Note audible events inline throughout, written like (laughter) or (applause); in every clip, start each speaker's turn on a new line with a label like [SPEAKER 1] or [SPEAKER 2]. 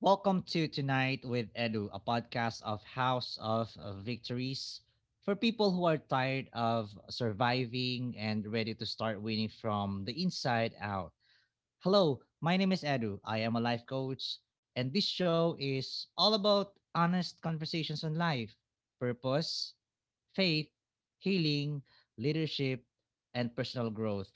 [SPEAKER 1] Welcome to Tonight with Edu, a podcast of House of Victories for people who are tired of surviving and ready to start winning from the inside out. Hello, my name is Edu. I am a life coach, and this show is all about honest conversations on life, purpose, faith, healing, leadership, and personal growth.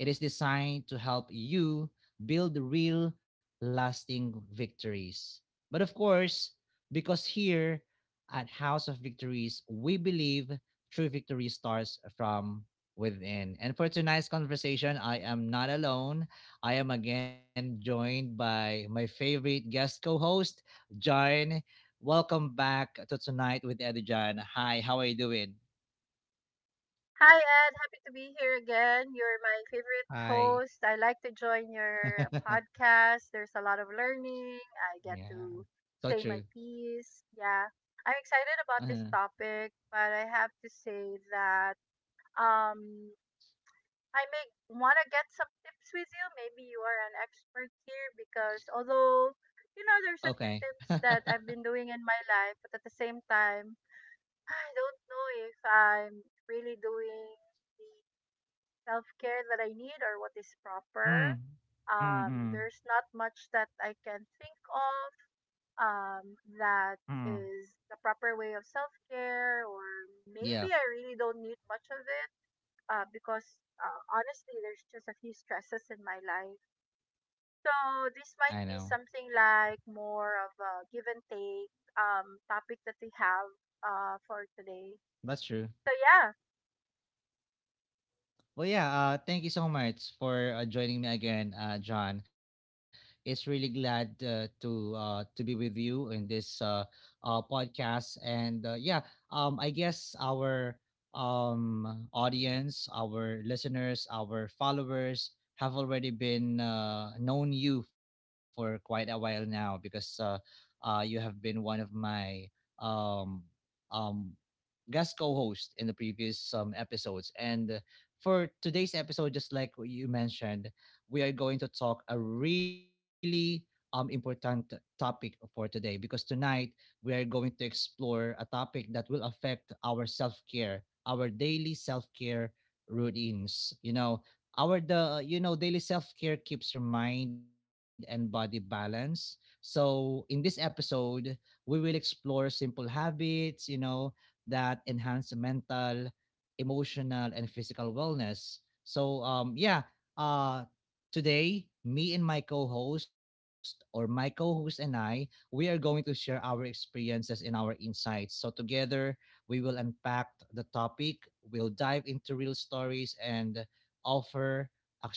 [SPEAKER 1] It is designed to help you build real, lasting victories. But of course, because here at House of Victories, we believe true victory starts from within. And for tonight's conversation, I am not alone. I am again joined by my favorite guest co-host, John. Welcome back to Tonight with Eddie John. Hi, how are you doing?
[SPEAKER 2] Hi, Ed. Happy to be here again. You're my favorite
[SPEAKER 1] Hi.
[SPEAKER 2] host. I like to join your
[SPEAKER 1] (laughs)
[SPEAKER 2] podcast. There's a lot of learning. I
[SPEAKER 1] Yeah,
[SPEAKER 2] get to
[SPEAKER 1] so true.
[SPEAKER 2] say my piece. Yeah. I'm excited about this
[SPEAKER 1] Uh-huh.
[SPEAKER 2] topic, but I have to say that um, I may want to get some tips with you. Maybe you are an expert here because although, you know, there's a few
[SPEAKER 1] Okay. (laughs)
[SPEAKER 2] tips
[SPEAKER 1] mm.
[SPEAKER 2] that I've been doing in my life, but at the same time, I don't know if I'm really doing self care that I need or what is proper.
[SPEAKER 1] Mm-mm.
[SPEAKER 2] There's not much that I can think of that
[SPEAKER 1] Mm.
[SPEAKER 2] is the proper way of self care, or
[SPEAKER 1] Yeah,
[SPEAKER 2] maybe I really don't need much of it because honestly, there's just a few stresses in my life.
[SPEAKER 1] I
[SPEAKER 2] So
[SPEAKER 1] know.
[SPEAKER 2] this might be something like more of a give and take topic that we have for today.
[SPEAKER 1] That's true.
[SPEAKER 2] So yeah.
[SPEAKER 1] Well, yeah, thank you so much for joining me again, John. It's really glad to be with you in this podcast, and yeah, I guess our audience, our listeners, our followers have already been known you for quite a while now because you have been one of my um, um, guest co-host in the previous episodes. And for today's episode, just like you mentioned, we are going to talk a really important topic for today because tonight we are going to explore a topic that will affect our self-care, our daily self-care routines. You know, our the you know daily self-care keeps your mind and body balanced. So in this episode, we will explore simple habits, you know, that enhance the mental, emotional, and physical wellness. So uh today me and my co-host or my co-host and I, we are going to share our experiences and our insights. So together we will unpack the topic, we'll dive into real stories and offer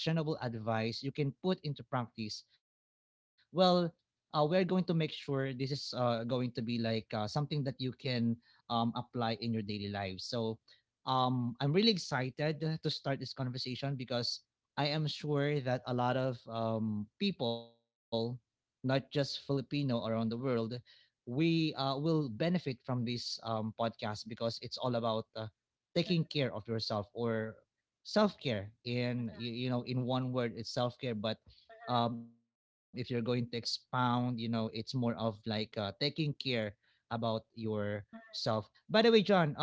[SPEAKER 1] actionable advice you can put into practice. Well, we're going to make sure this is going to be like something that you can apply in your daily life. So I'm really excited to start this conversation because I am sure that a lot of people, not just Filipino around the world, we will benefit from this podcast because it's all about taking care of yourself, or self-care.
[SPEAKER 2] Mhm,
[SPEAKER 1] In
[SPEAKER 2] mhm,
[SPEAKER 1] you, you know, in one word it's self-care, but if you're going to expound, you know, it's more of like taking care about your
[SPEAKER 2] mhm,
[SPEAKER 1] self. By the way, John, um,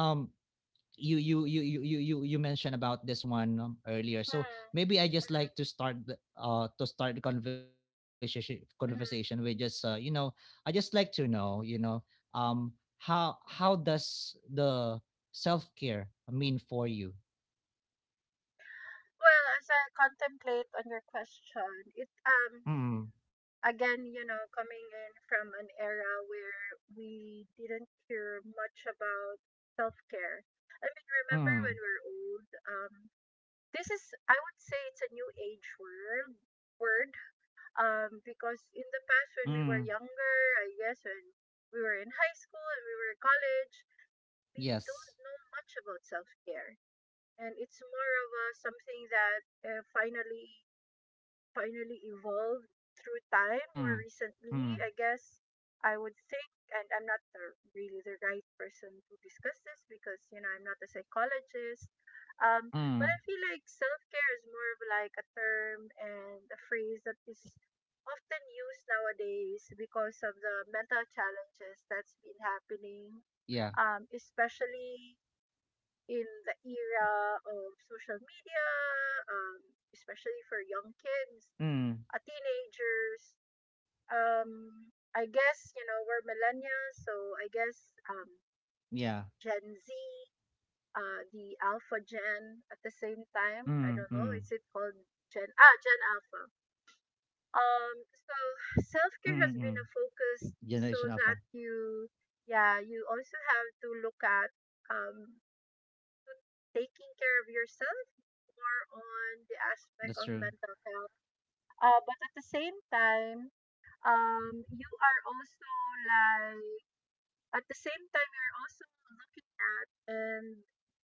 [SPEAKER 1] you you you you you you you mentioned about this one earlier,
[SPEAKER 2] mhm,
[SPEAKER 1] so
[SPEAKER 2] mhm,
[SPEAKER 1] maybe I just like to start the conversation with
[SPEAKER 2] mhm, mhm.
[SPEAKER 1] just I just like to know, you know, um how does the self care mean for you?
[SPEAKER 2] Well, as I contemplate on your question, it
[SPEAKER 1] Mm
[SPEAKER 2] again, you know, coming in from an era where we didn't hear much about self care. I mean, remember when
[SPEAKER 1] mm
[SPEAKER 2] we're old? This is I would say it's a new age word. Because in the past when we were
[SPEAKER 1] mm
[SPEAKER 2] younger, I guess when we were in high school and we were in college, we don't
[SPEAKER 1] yes
[SPEAKER 2] know much about self care. And it's more of a something that finally evolved through time more
[SPEAKER 1] mm
[SPEAKER 2] recently,
[SPEAKER 1] mm
[SPEAKER 2] I guess I would think, and I'm not the, really the right person to discuss this because, you know, I'm not a psychologist. Um, but I
[SPEAKER 1] mm
[SPEAKER 2] feel like self care is more of like a term and a phrase that is often used nowadays because of the mental challenges that's been
[SPEAKER 1] yeah
[SPEAKER 2] happening, especially in the era of social media, um, especially for young kids
[SPEAKER 1] mm
[SPEAKER 2] teenagers. Um, I guess you know we're millennials, so I guess
[SPEAKER 1] yeah
[SPEAKER 2] Gen Z, the Alpha Gen at the same time. I
[SPEAKER 1] mm
[SPEAKER 2] don't know.
[SPEAKER 1] mm
[SPEAKER 2] Is it called Gen? Ah, Gen Alpha.
[SPEAKER 1] mm
[SPEAKER 2] So
[SPEAKER 1] mm
[SPEAKER 2] self care has been a
[SPEAKER 1] Generation Alpha.
[SPEAKER 2] focus so that you, yeah, you also have to look at um taking care of yourself more on the aspect
[SPEAKER 1] That's
[SPEAKER 2] of
[SPEAKER 1] true.
[SPEAKER 2] mental health. But at the same time, you are also like at the same time you're also looking at and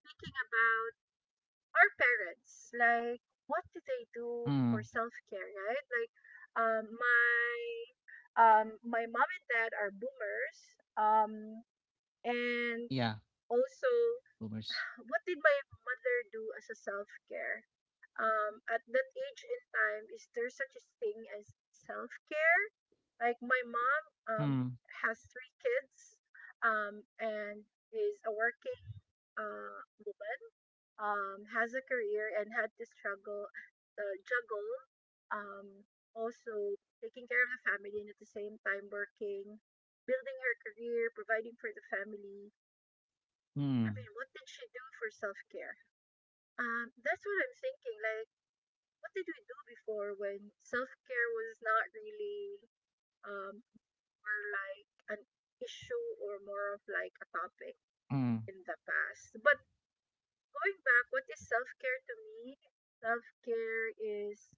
[SPEAKER 2] thinking about our parents, like what do they do
[SPEAKER 1] Mm,
[SPEAKER 2] for self-care, right? Like my my mom and dad are boomers, um,
[SPEAKER 1] yeah,
[SPEAKER 2] and also,
[SPEAKER 1] boomers.
[SPEAKER 2] what did my mother do as a self care? At that age and time, is there such a thing as self care? Like my mom
[SPEAKER 1] Mm,
[SPEAKER 2] has 3 kids, and is a working woman, has a career and had to struggle, juggle, um, also taking care of the family and at the same time working, building her career, providing for the family. I
[SPEAKER 1] mm,
[SPEAKER 2] mean, what did she do for self care? That's what I'm thinking. Like, what did we do before when self care was not really um more like an issue or more of like a topic
[SPEAKER 1] mm,
[SPEAKER 2] in the past? But going back, what is self care to me? Self care is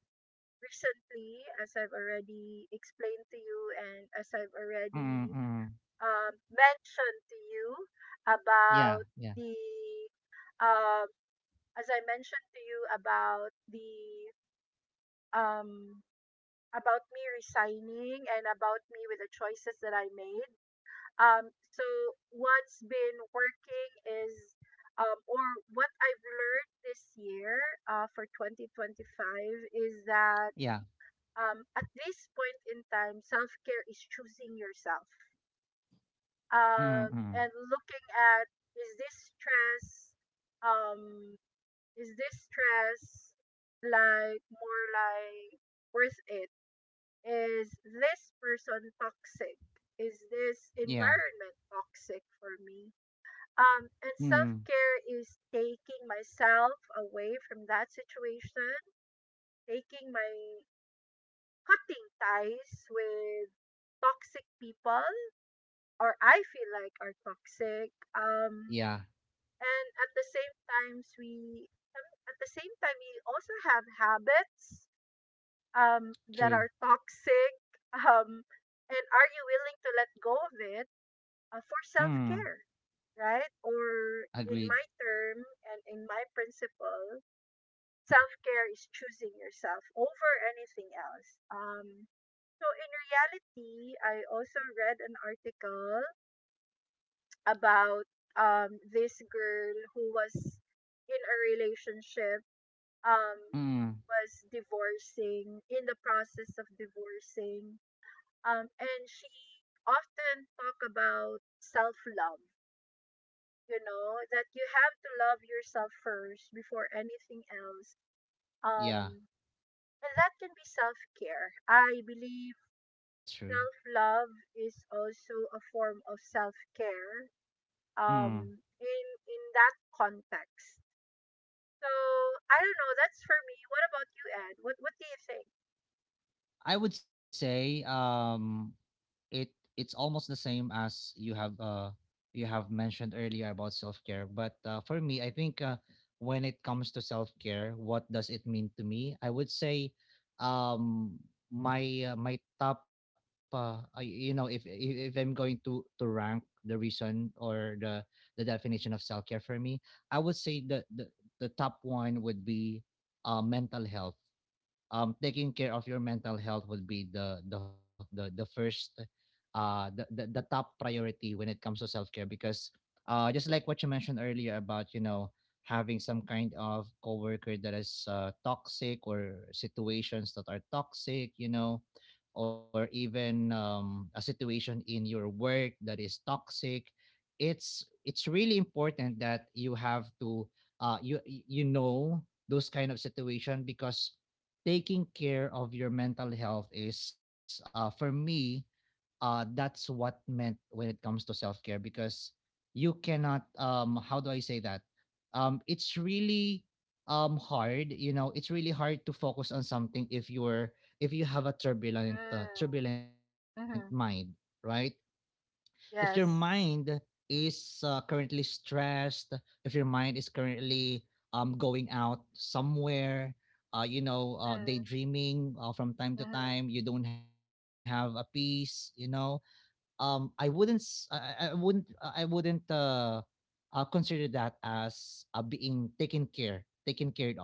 [SPEAKER 2] Recently, as I've already explained to you, and as I've
[SPEAKER 1] mm,
[SPEAKER 2] already
[SPEAKER 1] mm.
[SPEAKER 2] mentioned to you
[SPEAKER 1] Yeah,
[SPEAKER 2] about
[SPEAKER 1] yeah,
[SPEAKER 2] the um as I mentioned to you about the um about me resigning and about me with the choices that I made. So what's been working is, or what I've learned this year, for 2025 is that,
[SPEAKER 1] yeah.
[SPEAKER 2] at this point in time, self care is choosing yourself.
[SPEAKER 1] Mm, mm,
[SPEAKER 2] And looking at, is this stress, um, is this stress like more like worth it? Is this person toxic? Is this
[SPEAKER 1] yeah,
[SPEAKER 2] environment toxic for me? And self
[SPEAKER 1] mm,
[SPEAKER 2] care is taking myself away from that situation, taking my cutting ties with toxic people or I feel like are toxic.
[SPEAKER 1] yeah.
[SPEAKER 2] And times we at the same time we also have habits that are
[SPEAKER 1] True.
[SPEAKER 2] toxic? Um, and are you willing to let go of it for self
[SPEAKER 1] Mm,
[SPEAKER 2] care, right? Or in my
[SPEAKER 1] agreed.
[SPEAKER 2] term and in my principle, self care is choosing yourself over anything else. So in reality, I also read an article about this girl who was in a relationship um,
[SPEAKER 1] Mm,
[SPEAKER 2] was divorcing in the process of divorcing. And she often talk about self love. You know that you have to love yourself first before anything else. Um,
[SPEAKER 1] yeah,
[SPEAKER 2] and that can be self care. I believe
[SPEAKER 1] that's
[SPEAKER 2] self
[SPEAKER 1] true.
[SPEAKER 2] love is also a form of self care.
[SPEAKER 1] Mm.
[SPEAKER 2] In that context. So I don't know. That's for me. What about you, Ed? What do you think?
[SPEAKER 1] I would say it it's almost the same as you have mentioned earlier about self-care, but for me I think when it comes to self-care, what does it mean to me? I would say um my my top you know, if I'm going to rank the reason or the definition of self-care for me, I would say the top one would be mental health. Taking care of your mental health would be the first the top priority when it comes to self-care, because just like what you mentioned earlier, about you know, having some kind of coworker that is toxic, or situations that are toxic, you know, or even a situation in your work that is toxic. It's really important that you have to uh you you know those kind of situation, because taking care of your mental health is, for me, that's what meant when it comes to self-care. Because you cannot, how do I say that? It's really hard, you know, it's really hard to focus on something if you're, if you have a turbulent uh,
[SPEAKER 2] Mm.
[SPEAKER 1] turbulent mind.
[SPEAKER 2] Mm-hmm.
[SPEAKER 1] Right? If your mind
[SPEAKER 2] Yes.
[SPEAKER 1] is currently stressed, if your mind is currently going out somewhere, you know,
[SPEAKER 2] Mm-hmm.
[SPEAKER 1] daydreaming from time to time,
[SPEAKER 2] Mm-hmm.
[SPEAKER 1] you don't have a peace, you know, I wouldn't s- I wouldn't consider that as being taken care of.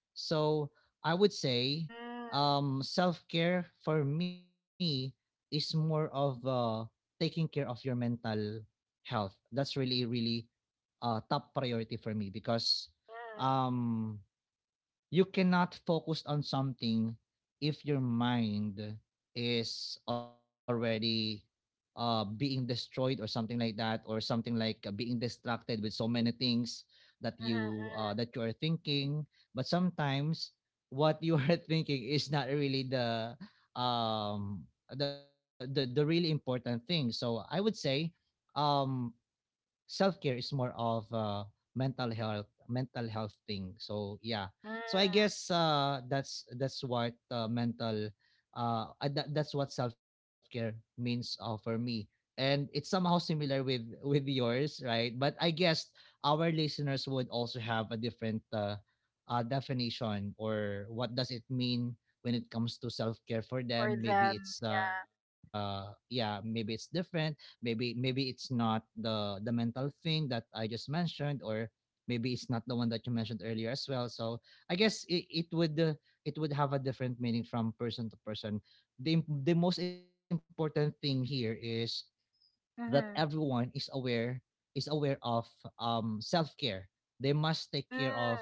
[SPEAKER 1] So I would say
[SPEAKER 2] Mm-hmm.
[SPEAKER 1] self-care for me is more of taking care of your mental health. That's really really top priority for me, because um you cannot focus on something if your mind is already being destroyed, or something like that, or something like being distracted with so many things
[SPEAKER 2] Mm-hmm, mm-hmm,
[SPEAKER 1] that you are thinking. But sometimes what you are (laughs) thinking is not really the um the really important thing. So I would say um self care is more of mental health thing. So yeah, so I
[SPEAKER 2] mm.
[SPEAKER 1] guess that's what that's what self care means for me, and it's somehow similar with yours, right? But I guess our listeners would also have a different definition or what does it mean when it comes to self care for
[SPEAKER 2] For
[SPEAKER 1] them. Maybe
[SPEAKER 2] them,
[SPEAKER 1] it's
[SPEAKER 2] yeah.
[SPEAKER 1] maybe it's different, maybe maybe it's not the the mental thing that I just mentioned, or maybe it's not the one that you mentioned earlier as well. So I guess it, it would have a different meaning from person to person. The most important thing here is that
[SPEAKER 2] Mm-hmm.
[SPEAKER 1] everyone is aware, is aware of self care. They must take
[SPEAKER 2] Mm.
[SPEAKER 1] care of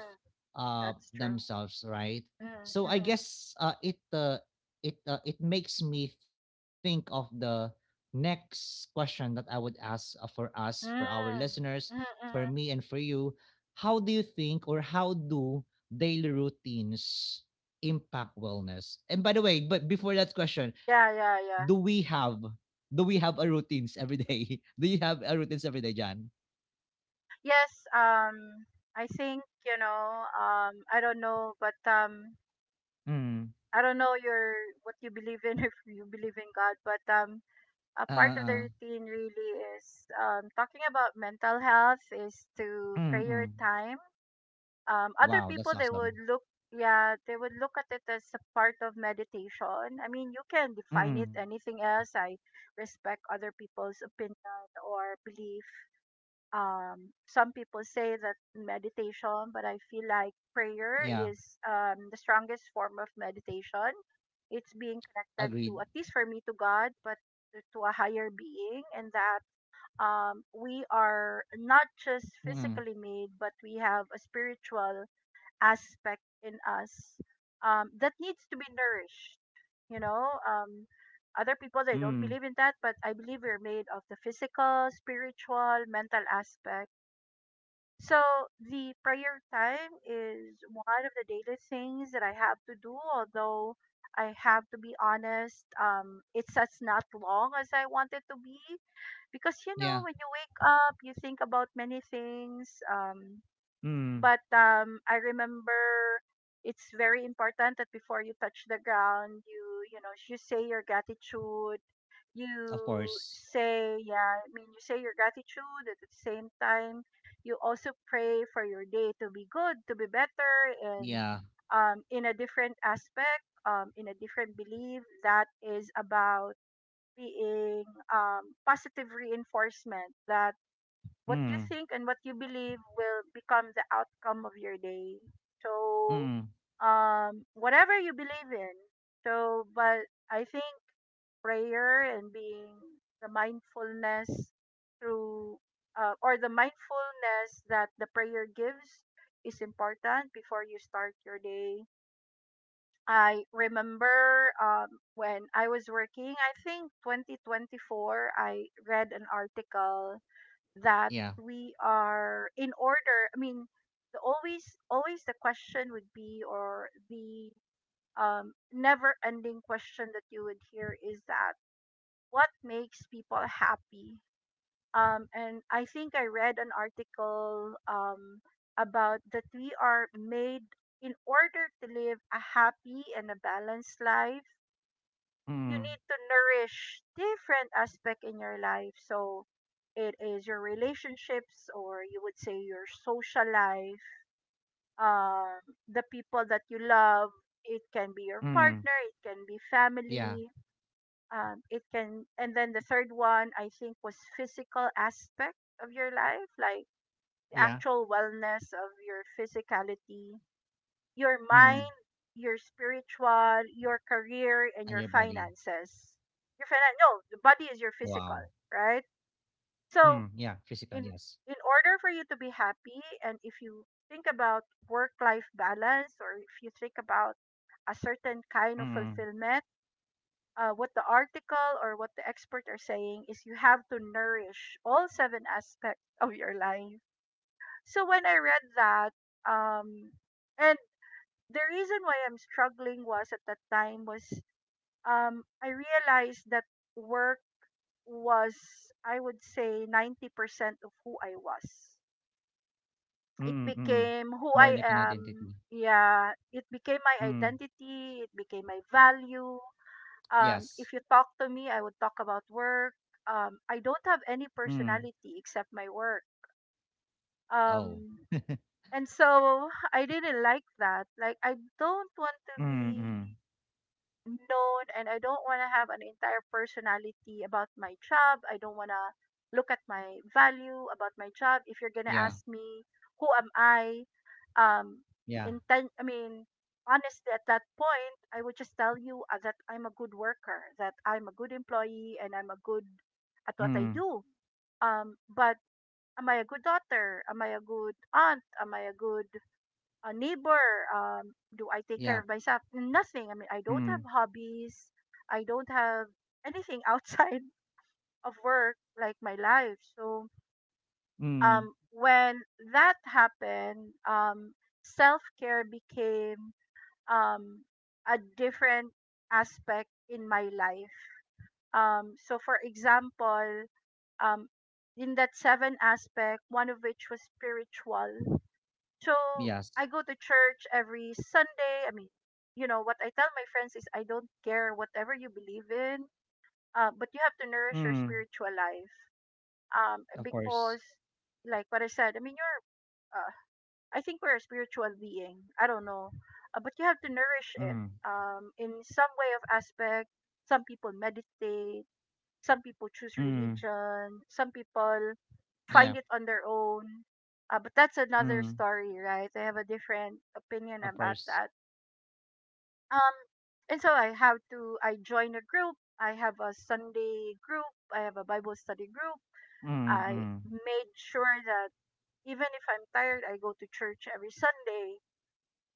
[SPEAKER 2] That's true.
[SPEAKER 1] themselves, right?
[SPEAKER 2] Mm-hmm,
[SPEAKER 1] So I
[SPEAKER 2] mm-hmm,
[SPEAKER 1] guess it makes me think of the next question that I would ask for us, for our
[SPEAKER 2] mm. Mm-hmm,
[SPEAKER 1] listeners, for
[SPEAKER 2] mm-hmm.
[SPEAKER 1] me, and for you. How do you think, or how do daily routines impact wellness? And by the way, but before that question,
[SPEAKER 2] Yeah,
[SPEAKER 1] do
[SPEAKER 2] yeah,
[SPEAKER 1] we
[SPEAKER 2] yeah.
[SPEAKER 1] have, do we have a routines every day? (laughs) Do you have a routines every day, Jan?
[SPEAKER 2] Yes, I think, you know, I don't know, but
[SPEAKER 1] Mm.
[SPEAKER 2] I don't know your what you believe in (laughs) if you believe in God, but a
[SPEAKER 1] Uh,
[SPEAKER 2] part of the
[SPEAKER 1] uh,
[SPEAKER 2] routine really is, talking about mental health, is to pray your
[SPEAKER 1] mm-mm.
[SPEAKER 2] time. Um, other
[SPEAKER 1] Wow,
[SPEAKER 2] people,
[SPEAKER 1] that's
[SPEAKER 2] they would
[SPEAKER 1] awesome.
[SPEAKER 2] look, yeah, they would look at it as a part of meditation. I mean, you can define it
[SPEAKER 1] Mm-mm.
[SPEAKER 2] anything else. I respect other people's opinion or belief. Um, some people say that meditation, but I feel like prayer
[SPEAKER 1] Yeah,
[SPEAKER 2] is the strongest form of meditation. It's being connected, to
[SPEAKER 1] agreed.
[SPEAKER 2] at least for me, to God, but to a higher being, and that we are not just
[SPEAKER 1] Mm-mm.
[SPEAKER 2] physically made, but we have a spiritual aspect in us that needs to be nourished. You know, other people they don't
[SPEAKER 1] Mm.
[SPEAKER 2] believe in that, but I believe we're made of the physical, spiritual, mental aspect. So the prayer time is one of the daily things that I have to do. Although I have to be honest, it's as not long as I want it to be because you know
[SPEAKER 1] Yeah,
[SPEAKER 2] when you wake up, you think about many things.
[SPEAKER 1] mm.
[SPEAKER 2] But I remember it's very important that before you touch the ground, you know you say your gratitude.
[SPEAKER 1] Of
[SPEAKER 2] You
[SPEAKER 1] course.
[SPEAKER 2] say, yeah, I mean, you say your gratitude at the same time. You also pray for your day to be good, to be better, and
[SPEAKER 1] Yeah,
[SPEAKER 2] in a different aspect, in a different belief that is about being positive reinforcement that what you
[SPEAKER 1] mm,
[SPEAKER 2] think and what you believe will become the outcome of your day. So,
[SPEAKER 1] mm.
[SPEAKER 2] whatever you believe in. So, but I think prayer and being the mindfulness through, or the mindfulness that the prayer gives is important before you start your day. I remember when I was working, I think 2024, I read an article that
[SPEAKER 1] Yeah,
[SPEAKER 2] we are in order, I mean, the always always the question would be, or the never ending question that you would hear is that, what makes people happy? Um, and I think I read an article about that we are made in order to live a happy and a balanced life. You need
[SPEAKER 1] mm,
[SPEAKER 2] to nourish different aspect in your life. So it is your relationships, or you would say your social life, um, the people that you love. It can be your
[SPEAKER 1] mm,
[SPEAKER 2] partner, it can be
[SPEAKER 1] yeah.
[SPEAKER 2] family, it can, and then the third one I think was physical aspect of your life, like the
[SPEAKER 1] Yeah.
[SPEAKER 2] actual wellness of your physicality, your mind,
[SPEAKER 1] Mm.
[SPEAKER 2] your spiritual, your career, and
[SPEAKER 1] And
[SPEAKER 2] your
[SPEAKER 1] your body.
[SPEAKER 2] finances. Your finan- no, the body
[SPEAKER 1] Wow.
[SPEAKER 2] is your physical, right?
[SPEAKER 1] Mm. Yeah.
[SPEAKER 2] So
[SPEAKER 1] Physical, yes.
[SPEAKER 2] in in order for you to be happy, and if you think about work life balance, or if you think about a certain kind of
[SPEAKER 1] Mm.
[SPEAKER 2] fulfillment, what the article or what the expert are saying is you have to nourish all 7 aspects of your life. So when I read that, um, and the reason why I'm struggling was at that time was I realized that work was, I would say, 90% of who I was.
[SPEAKER 1] Mm.
[SPEAKER 2] It
[SPEAKER 1] Mm.
[SPEAKER 2] became
[SPEAKER 1] More
[SPEAKER 2] who
[SPEAKER 1] like an
[SPEAKER 2] I
[SPEAKER 1] identity.
[SPEAKER 2] am. Yeah, it became my
[SPEAKER 1] Mm.
[SPEAKER 2] identity, it became my value. Um,
[SPEAKER 1] Yes.
[SPEAKER 2] if you talk to me, I would talk about work. Um, I don't have any
[SPEAKER 1] Mm.
[SPEAKER 2] personality except my work.
[SPEAKER 1] Oh.
[SPEAKER 2] Um,
[SPEAKER 1] (laughs)
[SPEAKER 2] and so I didn't like that. Like, I don't want to
[SPEAKER 1] Mm, mm.
[SPEAKER 2] be known and I don't want to have an entire personality about my job. I don't want to look at my value about my job. If you're going to
[SPEAKER 1] Yeah,
[SPEAKER 2] ask me who am I um
[SPEAKER 1] yeah.
[SPEAKER 2] inten- I mean honestly at that point I would just tell you that I'm a good worker, that I'm a good employee and I'm a good at what I
[SPEAKER 1] Mm,
[SPEAKER 2] do. Um, but am I a good daughter? Am I a good aunt? Am I a good, a neighbor? Do I take care
[SPEAKER 1] yeah.
[SPEAKER 2] of myself? Nothing. I mean, I don't have
[SPEAKER 1] Mm,
[SPEAKER 2] hobbies. I don't have anything outside (laughs) of work, like my life. So
[SPEAKER 1] mm.
[SPEAKER 2] when that happened, self care became, um a different aspect in my life. So for example, um in that seven aspect, one of which was spiritual, so
[SPEAKER 1] Yes.
[SPEAKER 2] I go to church every Sunday. I mean, what I tell my friends is I don't care whatever you believe in, but you have
[SPEAKER 1] Mm,
[SPEAKER 2] to nourish your spiritual life.
[SPEAKER 1] of course.
[SPEAKER 2] Because, like what I said, I mean, uh, I think we're a spiritual being. I don't know. But you have to nourish it
[SPEAKER 1] Mm,
[SPEAKER 2] in some way of aspect. Some people meditate, some people
[SPEAKER 1] mm.
[SPEAKER 2] choose religion. Some people
[SPEAKER 1] Yeah.
[SPEAKER 2] find it on their own. But that's another
[SPEAKER 1] Mm,
[SPEAKER 2] story, right? I have a different opinion
[SPEAKER 1] of
[SPEAKER 2] about
[SPEAKER 1] course.
[SPEAKER 2] that. Um, and so I join a group. I have a Sunday group. I have a Bible study group.
[SPEAKER 1] Mm,
[SPEAKER 2] I
[SPEAKER 1] mm.
[SPEAKER 2] made sure that even if I'm tired, I go to church every Sunday.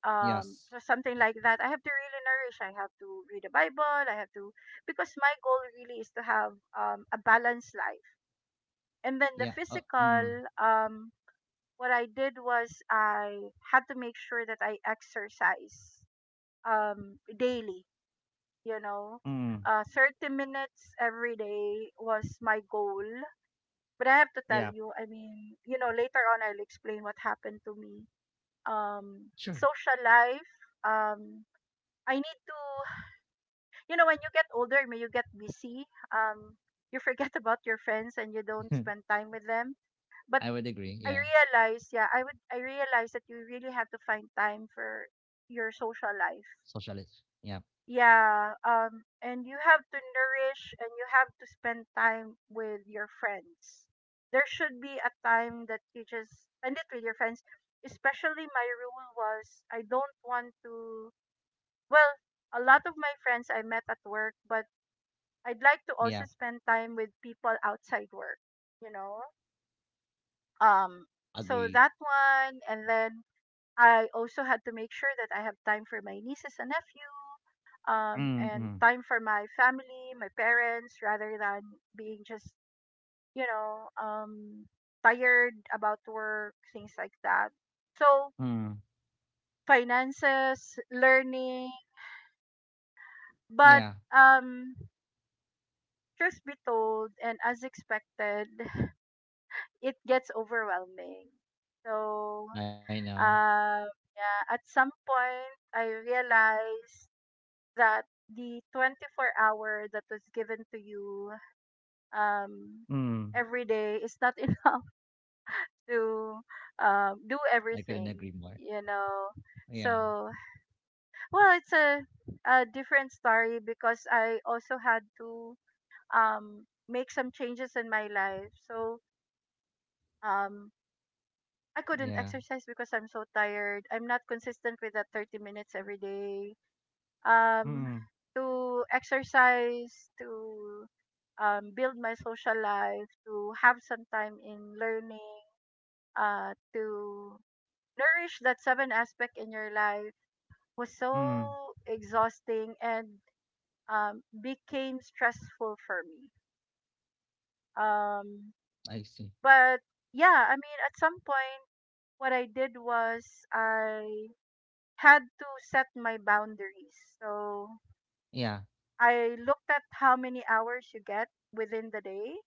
[SPEAKER 1] Yes.
[SPEAKER 2] So something like that. I have to really nourish. I have to read the Bible. Because my goal really is to have a balanced life, and then the
[SPEAKER 1] Yeah. Oh, mm,
[SPEAKER 2] physical. um what I did was I had to make sure that I exercise daily, you know
[SPEAKER 1] mm.
[SPEAKER 2] 30 minutes every day was my goal. But I have to tell
[SPEAKER 1] Yeah.
[SPEAKER 2] you, I mean, later on I'll explain what happened to me.
[SPEAKER 1] Sure.
[SPEAKER 2] Social life. um I need to, when you get older, when you get busy, um you forget (laughs) about your friends and you don't spend time with them.
[SPEAKER 1] (laughs)
[SPEAKER 2] But
[SPEAKER 1] I would agree.
[SPEAKER 2] I
[SPEAKER 1] Yeah.
[SPEAKER 2] realize, yeah, I realize that you really have to find time for your social life.
[SPEAKER 1] Socialist. Yeah.
[SPEAKER 2] Yeah, and you have to nourish and you have to spend time with your friends. There should be a time that you just spend it with your friends. Especially my rule was I don't want to well, a lot of my friends I met at work, but I'd like to also
[SPEAKER 1] Yeah.
[SPEAKER 2] spend time with people outside work, you know? Um so
[SPEAKER 1] Agree.
[SPEAKER 2] that one. And then I also had to make sure that I have time for my nieces and nephew,
[SPEAKER 1] Mm,
[SPEAKER 2] and
[SPEAKER 1] mm.
[SPEAKER 2] time for my family, my parents, rather than being just, you know, um, tired about work, things like that. So,
[SPEAKER 1] Mm.
[SPEAKER 2] finances, learning, but
[SPEAKER 1] Yeah.
[SPEAKER 2] um, truth be told, and as expected, (sighs) (laughs) it gets overwhelming. So,
[SPEAKER 1] I know.
[SPEAKER 2] um, yeah, at some point, I realized that the 24 hour that was given to you, um,
[SPEAKER 1] Mm.
[SPEAKER 2] every day, is not (laughs) enough to do
[SPEAKER 1] I couldn't agree
[SPEAKER 2] everything,
[SPEAKER 1] more.
[SPEAKER 2] you know.
[SPEAKER 1] Yeah.
[SPEAKER 2] So, well, it's a different story because I also had to make some changes in my life. So, um, I
[SPEAKER 1] Yeah.
[SPEAKER 2] couldn't exercise because I'm so tired. I'm not consistent with that 30 minutes every day. um,
[SPEAKER 1] Mm,
[SPEAKER 2] to exercise, to build my social life, to have some time in learning, to nourish that seven aspect in your life was
[SPEAKER 1] mm.
[SPEAKER 2] so exhausting and became stressful for me. Um,
[SPEAKER 1] I see.
[SPEAKER 2] but yeah, I mean, at some point, what I did was I had to set my boundaries. So
[SPEAKER 1] Yeah.
[SPEAKER 2] I looked at how many hours you get within the day.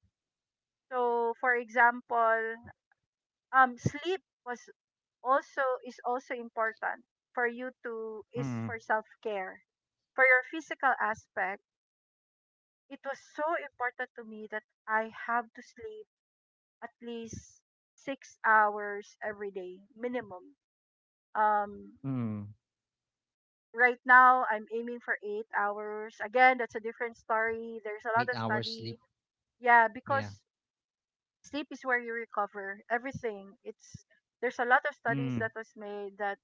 [SPEAKER 2] So, for example, sleep was also is also important for you to is
[SPEAKER 1] Mm.
[SPEAKER 2] for self care. For your physical aspect, it was so important to me that I have to sleep at least 6 hours every day minimum. Um,
[SPEAKER 1] Mm.
[SPEAKER 2] right now I'm aiming for 8 hours. Again, that's a different story. There's a lot
[SPEAKER 1] 8
[SPEAKER 2] of
[SPEAKER 1] hours
[SPEAKER 2] study.
[SPEAKER 1] sleep.
[SPEAKER 2] Yeah,
[SPEAKER 1] Yeah.
[SPEAKER 2] because sleep is where you recover everything. It's There's a lot of studies
[SPEAKER 1] Mm.
[SPEAKER 2] that was made that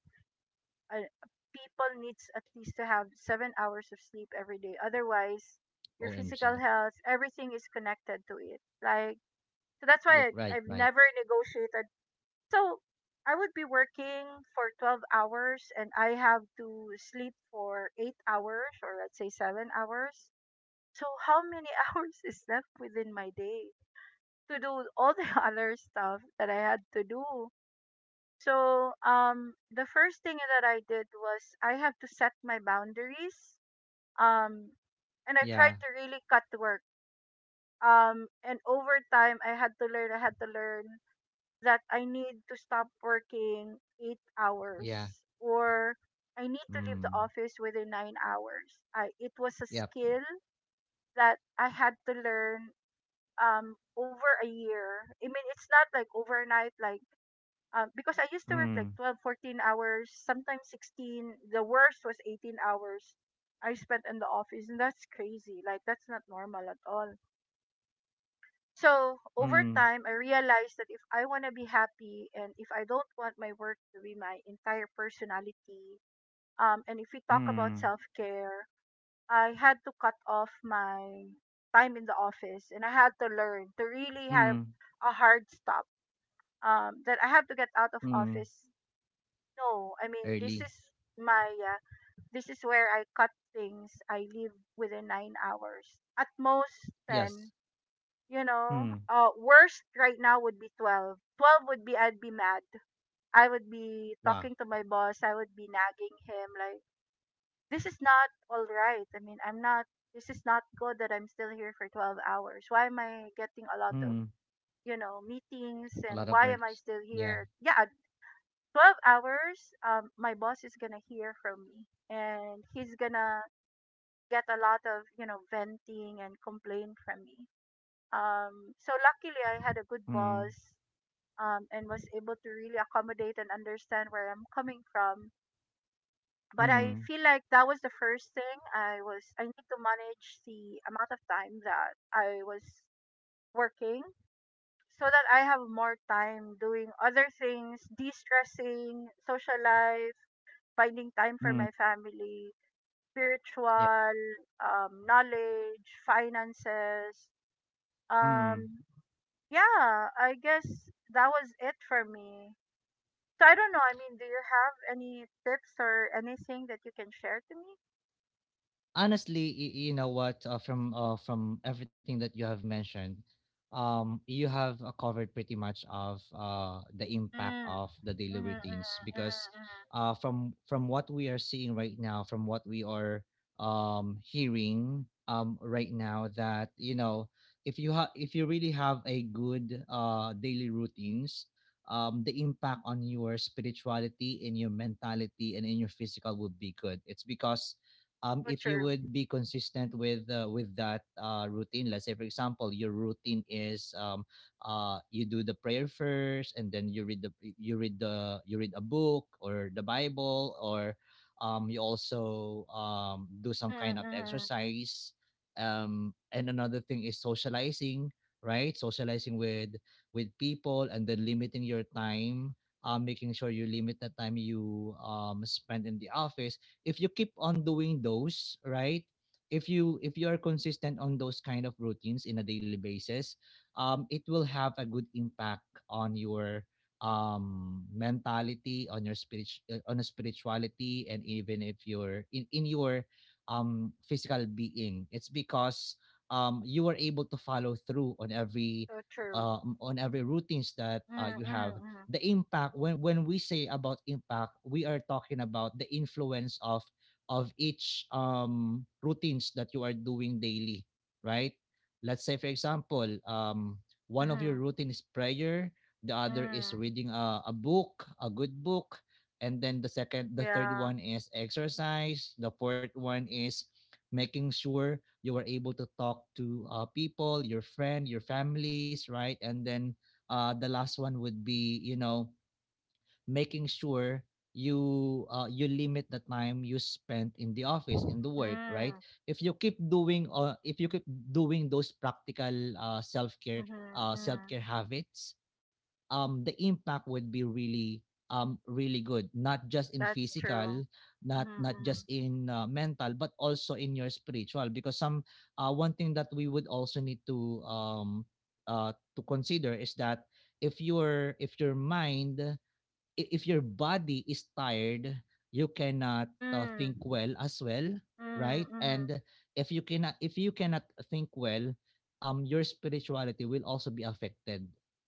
[SPEAKER 2] uh, people needs at least to have 7 hours of sleep every day. Otherwise, your physical
[SPEAKER 1] OMG.
[SPEAKER 2] health, everything is connected to it. Like, so that's
[SPEAKER 1] Yeah,
[SPEAKER 2] why I,
[SPEAKER 1] right,
[SPEAKER 2] I've
[SPEAKER 1] right.
[SPEAKER 2] never negotiated. So I would be working for 12 hours and I have to sleep for 8 hours, or let's say 7 hours. So how many (laughs) hours is left within my day to do all the (laughs) other stuff that I had to do? So, the first thing that I did was I have to set my boundaries. Um, and I
[SPEAKER 1] Yeah.
[SPEAKER 2] tried to really cut work. And over time, I had to learn that I need to stop working 8 hours,
[SPEAKER 1] Yeah.
[SPEAKER 2] or I need to leave the
[SPEAKER 1] Mm.
[SPEAKER 2] office within 9 hours. It was a
[SPEAKER 1] Yep.
[SPEAKER 2] skill that I had to learn over a year. I mean, it's not like overnight, like. Because I used to work
[SPEAKER 1] Mm.
[SPEAKER 2] like 12, 14 hours, sometimes 16. The worst was 18 hours I spent in the office. And that's crazy. Like, that's not normal at all. So, over
[SPEAKER 1] Mm.
[SPEAKER 2] time, I realized that if I want to be happy and if I don't want my work to be my entire personality, and if we talk about
[SPEAKER 1] Mm.
[SPEAKER 2] self care, I had to cut off my time in the office, and I had to learn to really
[SPEAKER 1] Mm.
[SPEAKER 2] have a hard stop, that I have to get out of
[SPEAKER 1] Mm.
[SPEAKER 2] office. No, I mean,
[SPEAKER 1] Early.
[SPEAKER 2] my, uh, this is where I cut things. I live within 9 hours. At most
[SPEAKER 1] Yes.
[SPEAKER 2] 10, you know.
[SPEAKER 1] Mm.
[SPEAKER 2] Worst right now would be 12. 12 would be I'd be mad. I would be
[SPEAKER 1] Wow.
[SPEAKER 2] talking to my boss. I would be nagging him like, this is not all right. I mean, I'm not, this is not good that I'm still here for 12 hours. Why am I getting a lot of,
[SPEAKER 1] Mm.
[SPEAKER 2] meetings,
[SPEAKER 1] A lot
[SPEAKER 2] and
[SPEAKER 1] of
[SPEAKER 2] why am I
[SPEAKER 1] works.
[SPEAKER 2] still
[SPEAKER 1] Yeah.
[SPEAKER 2] here? Yeah, 12 hours, my boss is gonna hear from me, and he's gonna get a lot of, venting and complain from me. So luckily I had a good
[SPEAKER 1] Mm.
[SPEAKER 2] boss, and was able to really accommodate and understand where I'm coming from. But I
[SPEAKER 1] Mm.
[SPEAKER 2] feel like that was the first thing. I need to manage the amount of time that I was working, so that I have more time doing other things, de stressing, social life, finding time for
[SPEAKER 1] Mm.
[SPEAKER 2] my family,
[SPEAKER 1] Yeah.
[SPEAKER 2] spiritual, knowledge, finances.
[SPEAKER 1] Mm.
[SPEAKER 2] Um, yeah, I guess that was it for me. So I don't know. I mean, do you have any tips or anything that you can share to me?
[SPEAKER 1] Honestly, you know what, from everything that you have mentioned, you have covered pretty much of the
[SPEAKER 2] Mm.
[SPEAKER 1] impact
[SPEAKER 2] Mm-hmm,
[SPEAKER 1] of the daily
[SPEAKER 2] mm-hmm, mm-hmm.
[SPEAKER 1] routines. Because
[SPEAKER 2] Mm-hmm.
[SPEAKER 1] from what we are seeing right now, from what we are hearing right now, that you know, if you have, if you really have a good daily routines, the impact on your spirituality, in your mentality, and in your physical would be good. It's because
[SPEAKER 2] So
[SPEAKER 1] if you
[SPEAKER 2] true.
[SPEAKER 1] would be consistent with that routine. Let's say for example your routine is, you do the prayer first, and then you read the, you read a book or the bible, or you also do some kind of
[SPEAKER 2] Mm-hmm, mm-hmm.
[SPEAKER 1] exercise, and another thing is socializing, right? Socializing with people, and then limiting your time, making sure you limit the time you spend in the office. If you keep on doing those, right? If you are consistent on those kind of routines in a daily basis, it will have a good impact on your mentality, on your spirit, on a spirituality, and even if you're in your physical being. It's because you are able to follow through
[SPEAKER 2] So true.
[SPEAKER 1] on every routines that
[SPEAKER 2] Mm-hmm,
[SPEAKER 1] you have.
[SPEAKER 2] mm-hmm,
[SPEAKER 1] The impact, when we say about impact, we are talking about the influence of each routines that you are doing daily, right? Let's say, for example, one
[SPEAKER 2] mm-hmm,
[SPEAKER 1] of your
[SPEAKER 2] mm-hmm.
[SPEAKER 1] routine is prayer, the other is
[SPEAKER 2] Mm-hmm.
[SPEAKER 1] reading a book, a good book, and then the third
[SPEAKER 2] Yeah.
[SPEAKER 1] one is exercise, the fourth one is making sure you are able to talk to people, your friend, your families, right? And then the last one would be, making sure you limit the time you spend in the office, in the work, right?
[SPEAKER 2] Mm-hmm,
[SPEAKER 1] If you keep doing if you keep doing those practical uh, self-care
[SPEAKER 2] mm-hmm. Mm-hmm.
[SPEAKER 1] self-care habits, the impact would be really, really good, not just in
[SPEAKER 2] That's true.
[SPEAKER 1] physical,
[SPEAKER 2] Mm-hmm,
[SPEAKER 1] not
[SPEAKER 2] mm-hmm.
[SPEAKER 1] just in mental, but also in your spiritual. Because some one thing that we would also need to consider is that if your if your body is tired, you cannot think
[SPEAKER 2] Mm.
[SPEAKER 1] well as well,
[SPEAKER 2] Mm,
[SPEAKER 1] right?
[SPEAKER 2] mhm.
[SPEAKER 1] And if you cannot, if you cannot think well, your spirituality will also be affected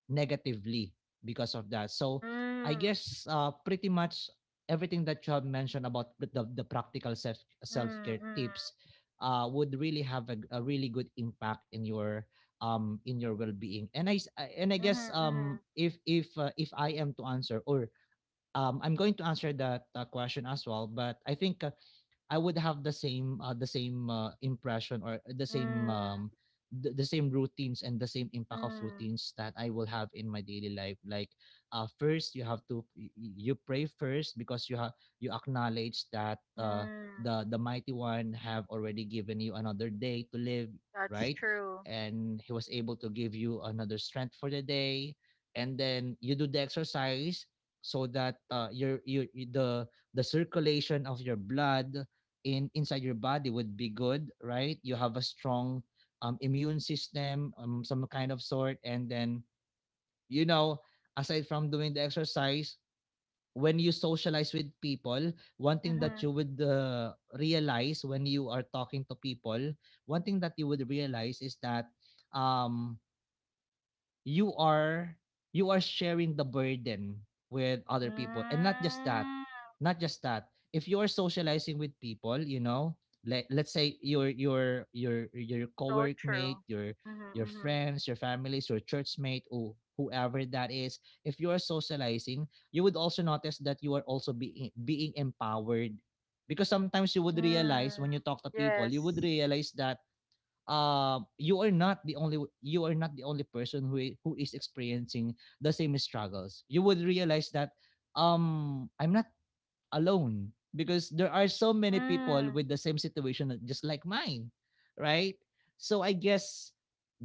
[SPEAKER 1] negatively because of that. So I
[SPEAKER 2] Mm.
[SPEAKER 1] guess pretty much everything that you have mentioned about the practical self
[SPEAKER 2] Mm,
[SPEAKER 1] care
[SPEAKER 2] mm.
[SPEAKER 1] tips would really have a really good impact in your well being. And I guess
[SPEAKER 2] Mhm, mhm.
[SPEAKER 1] if if I am to answer, or I'm going to answer that question as well. But I think I would have the same impression, or the same
[SPEAKER 2] Mm,
[SPEAKER 1] the same routines and the same impact of
[SPEAKER 2] mm,
[SPEAKER 1] routines that I will have in my daily life. Like first, you have to you pray first, because you have, you acknowledge that
[SPEAKER 2] mm.
[SPEAKER 1] the mighty one have already given you another day to live,
[SPEAKER 2] That's
[SPEAKER 1] right?
[SPEAKER 2] true.
[SPEAKER 1] And he was able to give you another strength for the day, and then you do the exercise so that the circulation of your blood in inside your body would be good, right? You have a strong immune system, some kind of sort. And then, you know, aside from doing the exercise, when you socialize with people, one thing that you
[SPEAKER 2] Mhm.
[SPEAKER 1] would realize when you are talking to people, one thing that you would realize is that um you are, you are sharing the burden with other people. And not just that,
[SPEAKER 2] Mm.
[SPEAKER 1] not just that, if you are socializing with people, you know, let's say your your
[SPEAKER 2] So
[SPEAKER 1] co-workmate,
[SPEAKER 2] true. Mhm,
[SPEAKER 1] your
[SPEAKER 2] mhm.
[SPEAKER 1] friends, your families, your churchmate, or whoever that is, if you are socializing, you would also notice that you are also being empowered. Because sometimes you would realize, when
[SPEAKER 2] Mm.
[SPEAKER 1] you talk to people, you would
[SPEAKER 2] Yes.
[SPEAKER 1] realize that you are not the only, you are not the only person who I- who is experiencing the same struggles. You would realize that I'm not alone, because there are so many people
[SPEAKER 2] Mm.
[SPEAKER 1] with the same situation just like mine, right? So I guess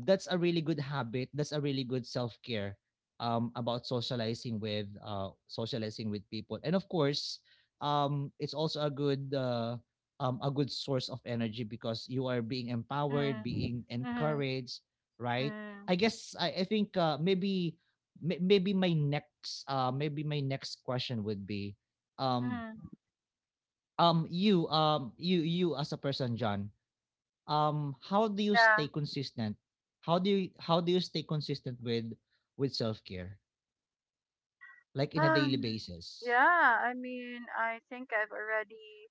[SPEAKER 1] that's a really good habit. That's a really good self-care about socializing with people. And of course, it's also a good source of energy, because you are being empowered,
[SPEAKER 2] Mhm.
[SPEAKER 1] being
[SPEAKER 2] Mhm.
[SPEAKER 1] encouraged, right?
[SPEAKER 2] Mm.
[SPEAKER 1] I guess I think maybe maybe my next question would be um,
[SPEAKER 2] Mhm.
[SPEAKER 1] you, you as a person, John, how do you
[SPEAKER 2] Yeah.
[SPEAKER 1] stay consistent, how do you, how do you stay consistent with self-care, like in a daily
[SPEAKER 2] Um,
[SPEAKER 1] basis?
[SPEAKER 2] yeah, I mean, I think I've already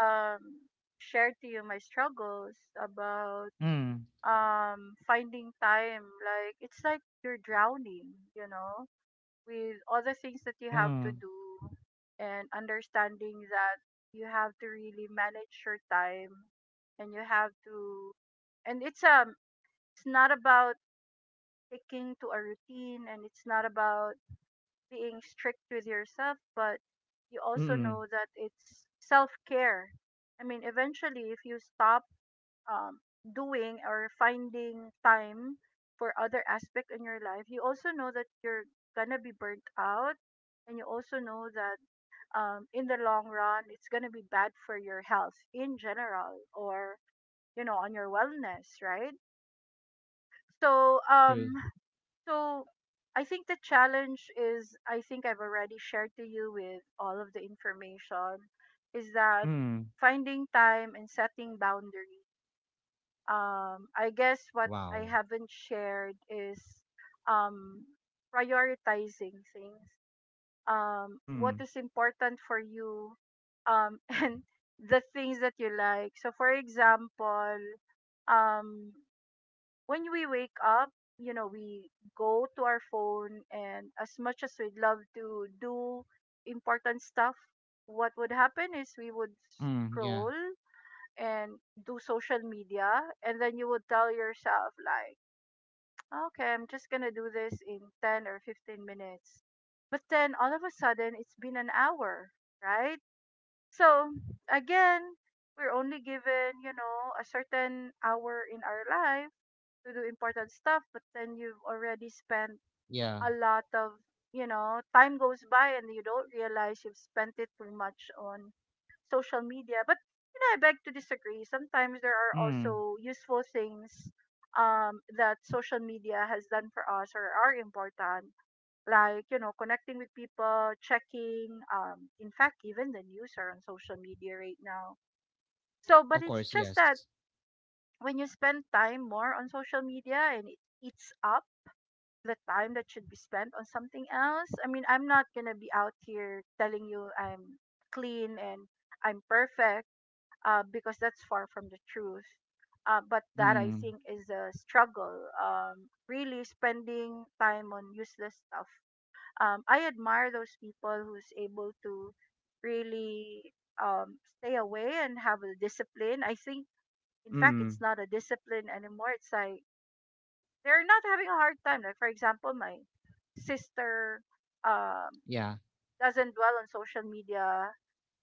[SPEAKER 2] um shared to you my struggles about
[SPEAKER 1] mm
[SPEAKER 2] finding time. Like, it's like you're drowning, you know, with all the things that you have to
[SPEAKER 1] mm
[SPEAKER 2] do, and understanding that you have to really manage your time, and you have to and it's not about sticking to a routine, and it's not about being strict with yourself, but you also know
[SPEAKER 1] mm
[SPEAKER 2] that it's self-care. I mean, eventually, if you stop, um, doing or finding time for other aspect in your life, you also know that you're gonna be burnt out, and you also know that, in the long run, it's gonna be bad for your health in general, or, on your wellness, right? So,
[SPEAKER 1] that's true.
[SPEAKER 2] so I think the challenge is, I think I've already shared to you with all of the information, is that
[SPEAKER 1] mm
[SPEAKER 2] finding time and setting boundaries. I guess what I
[SPEAKER 1] wow.
[SPEAKER 2] haven't shared is um prioritizing things. What
[SPEAKER 1] mm
[SPEAKER 2] is important for you, (laughs) and the things that you like. So for example, um when we wake up, we go to our phone, and as much as we'd love to do important stuff, what would happen is we would
[SPEAKER 1] yeah.
[SPEAKER 2] scroll and do social media. And then you would tell yourself like, okay, I'm just gonna do this in 10 or 15 minutes, but then all of a sudden it's been an hour, right? So again, we're only given, a certain hour in our life to do important stuff, but then you've already spent
[SPEAKER 1] Yeah.
[SPEAKER 2] a lot of, you know, time goes by and you don't realize you've spent it too much on social media. But, I beg to disagree, sometimes there are
[SPEAKER 1] mm
[SPEAKER 2] also useful things, that social media has done for us, or are important, like, connecting with people, checking, in fact, even the news are on social media right now. So,
[SPEAKER 1] of
[SPEAKER 2] but it's
[SPEAKER 1] course,
[SPEAKER 2] just
[SPEAKER 1] yes.
[SPEAKER 2] that when you spend time more on social media, and it eats up the time that should be spent on something else. I mean, I'm not gonna be out here telling you I'm clean and I'm perfect, because that's far from the truth. But that, I
[SPEAKER 1] mm
[SPEAKER 2] think, is a struggle. Really spending time on useless stuff. I admire those people who's able to really stay away and have a discipline. I think, in fact,
[SPEAKER 1] mm
[SPEAKER 2] it's not a discipline anymore. It's like they're not having a hard time. Like for example, my sister um
[SPEAKER 1] yeah.
[SPEAKER 2] doesn't dwell on social media,